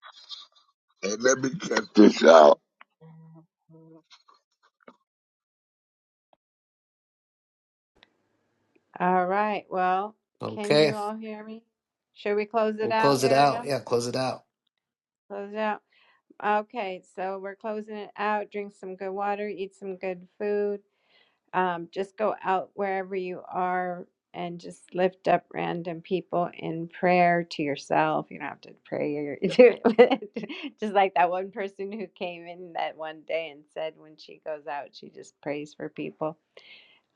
Speaker 4: And let me catch this out.
Speaker 5: All right. Well, can
Speaker 3: Okay.
Speaker 5: you all hear me? Should we close it
Speaker 3: We'll
Speaker 5: out,
Speaker 3: close it out.
Speaker 5: Ariel?
Speaker 3: Yeah, close it out.
Speaker 5: Close it out. Okay, so we're closing it out. Drink some good water, eat some good food. Um, just go out wherever you are and just lift up random people in prayer to yourself. You don't have to pray. Your, just like that one person who came in that one day and said when she goes out, she just prays for people.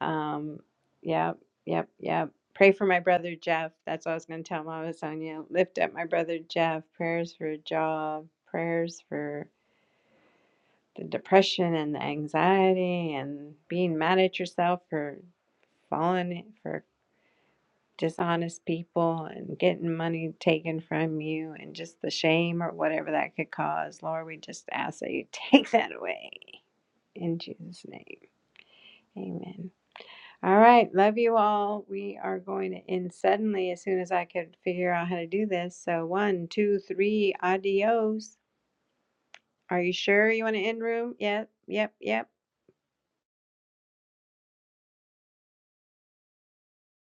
Speaker 5: Um, yep, yep, yep. Pray for my brother Jeff. That's what I was going to tell Mama Sonia. Lift up my brother Jeff. Prayers for a job. Prayers for the depression and the anxiety and being mad at yourself for falling for dishonest people and getting money taken from you and just the shame or whatever that could cause. Lord, we just ask that you take that away in Jesus' name. Amen. All right. Love you all. We are going to end suddenly as soon as I could figure out how to do this. So, one, two, three, adios. Are you sure you want to end room? Yep, yep, yep.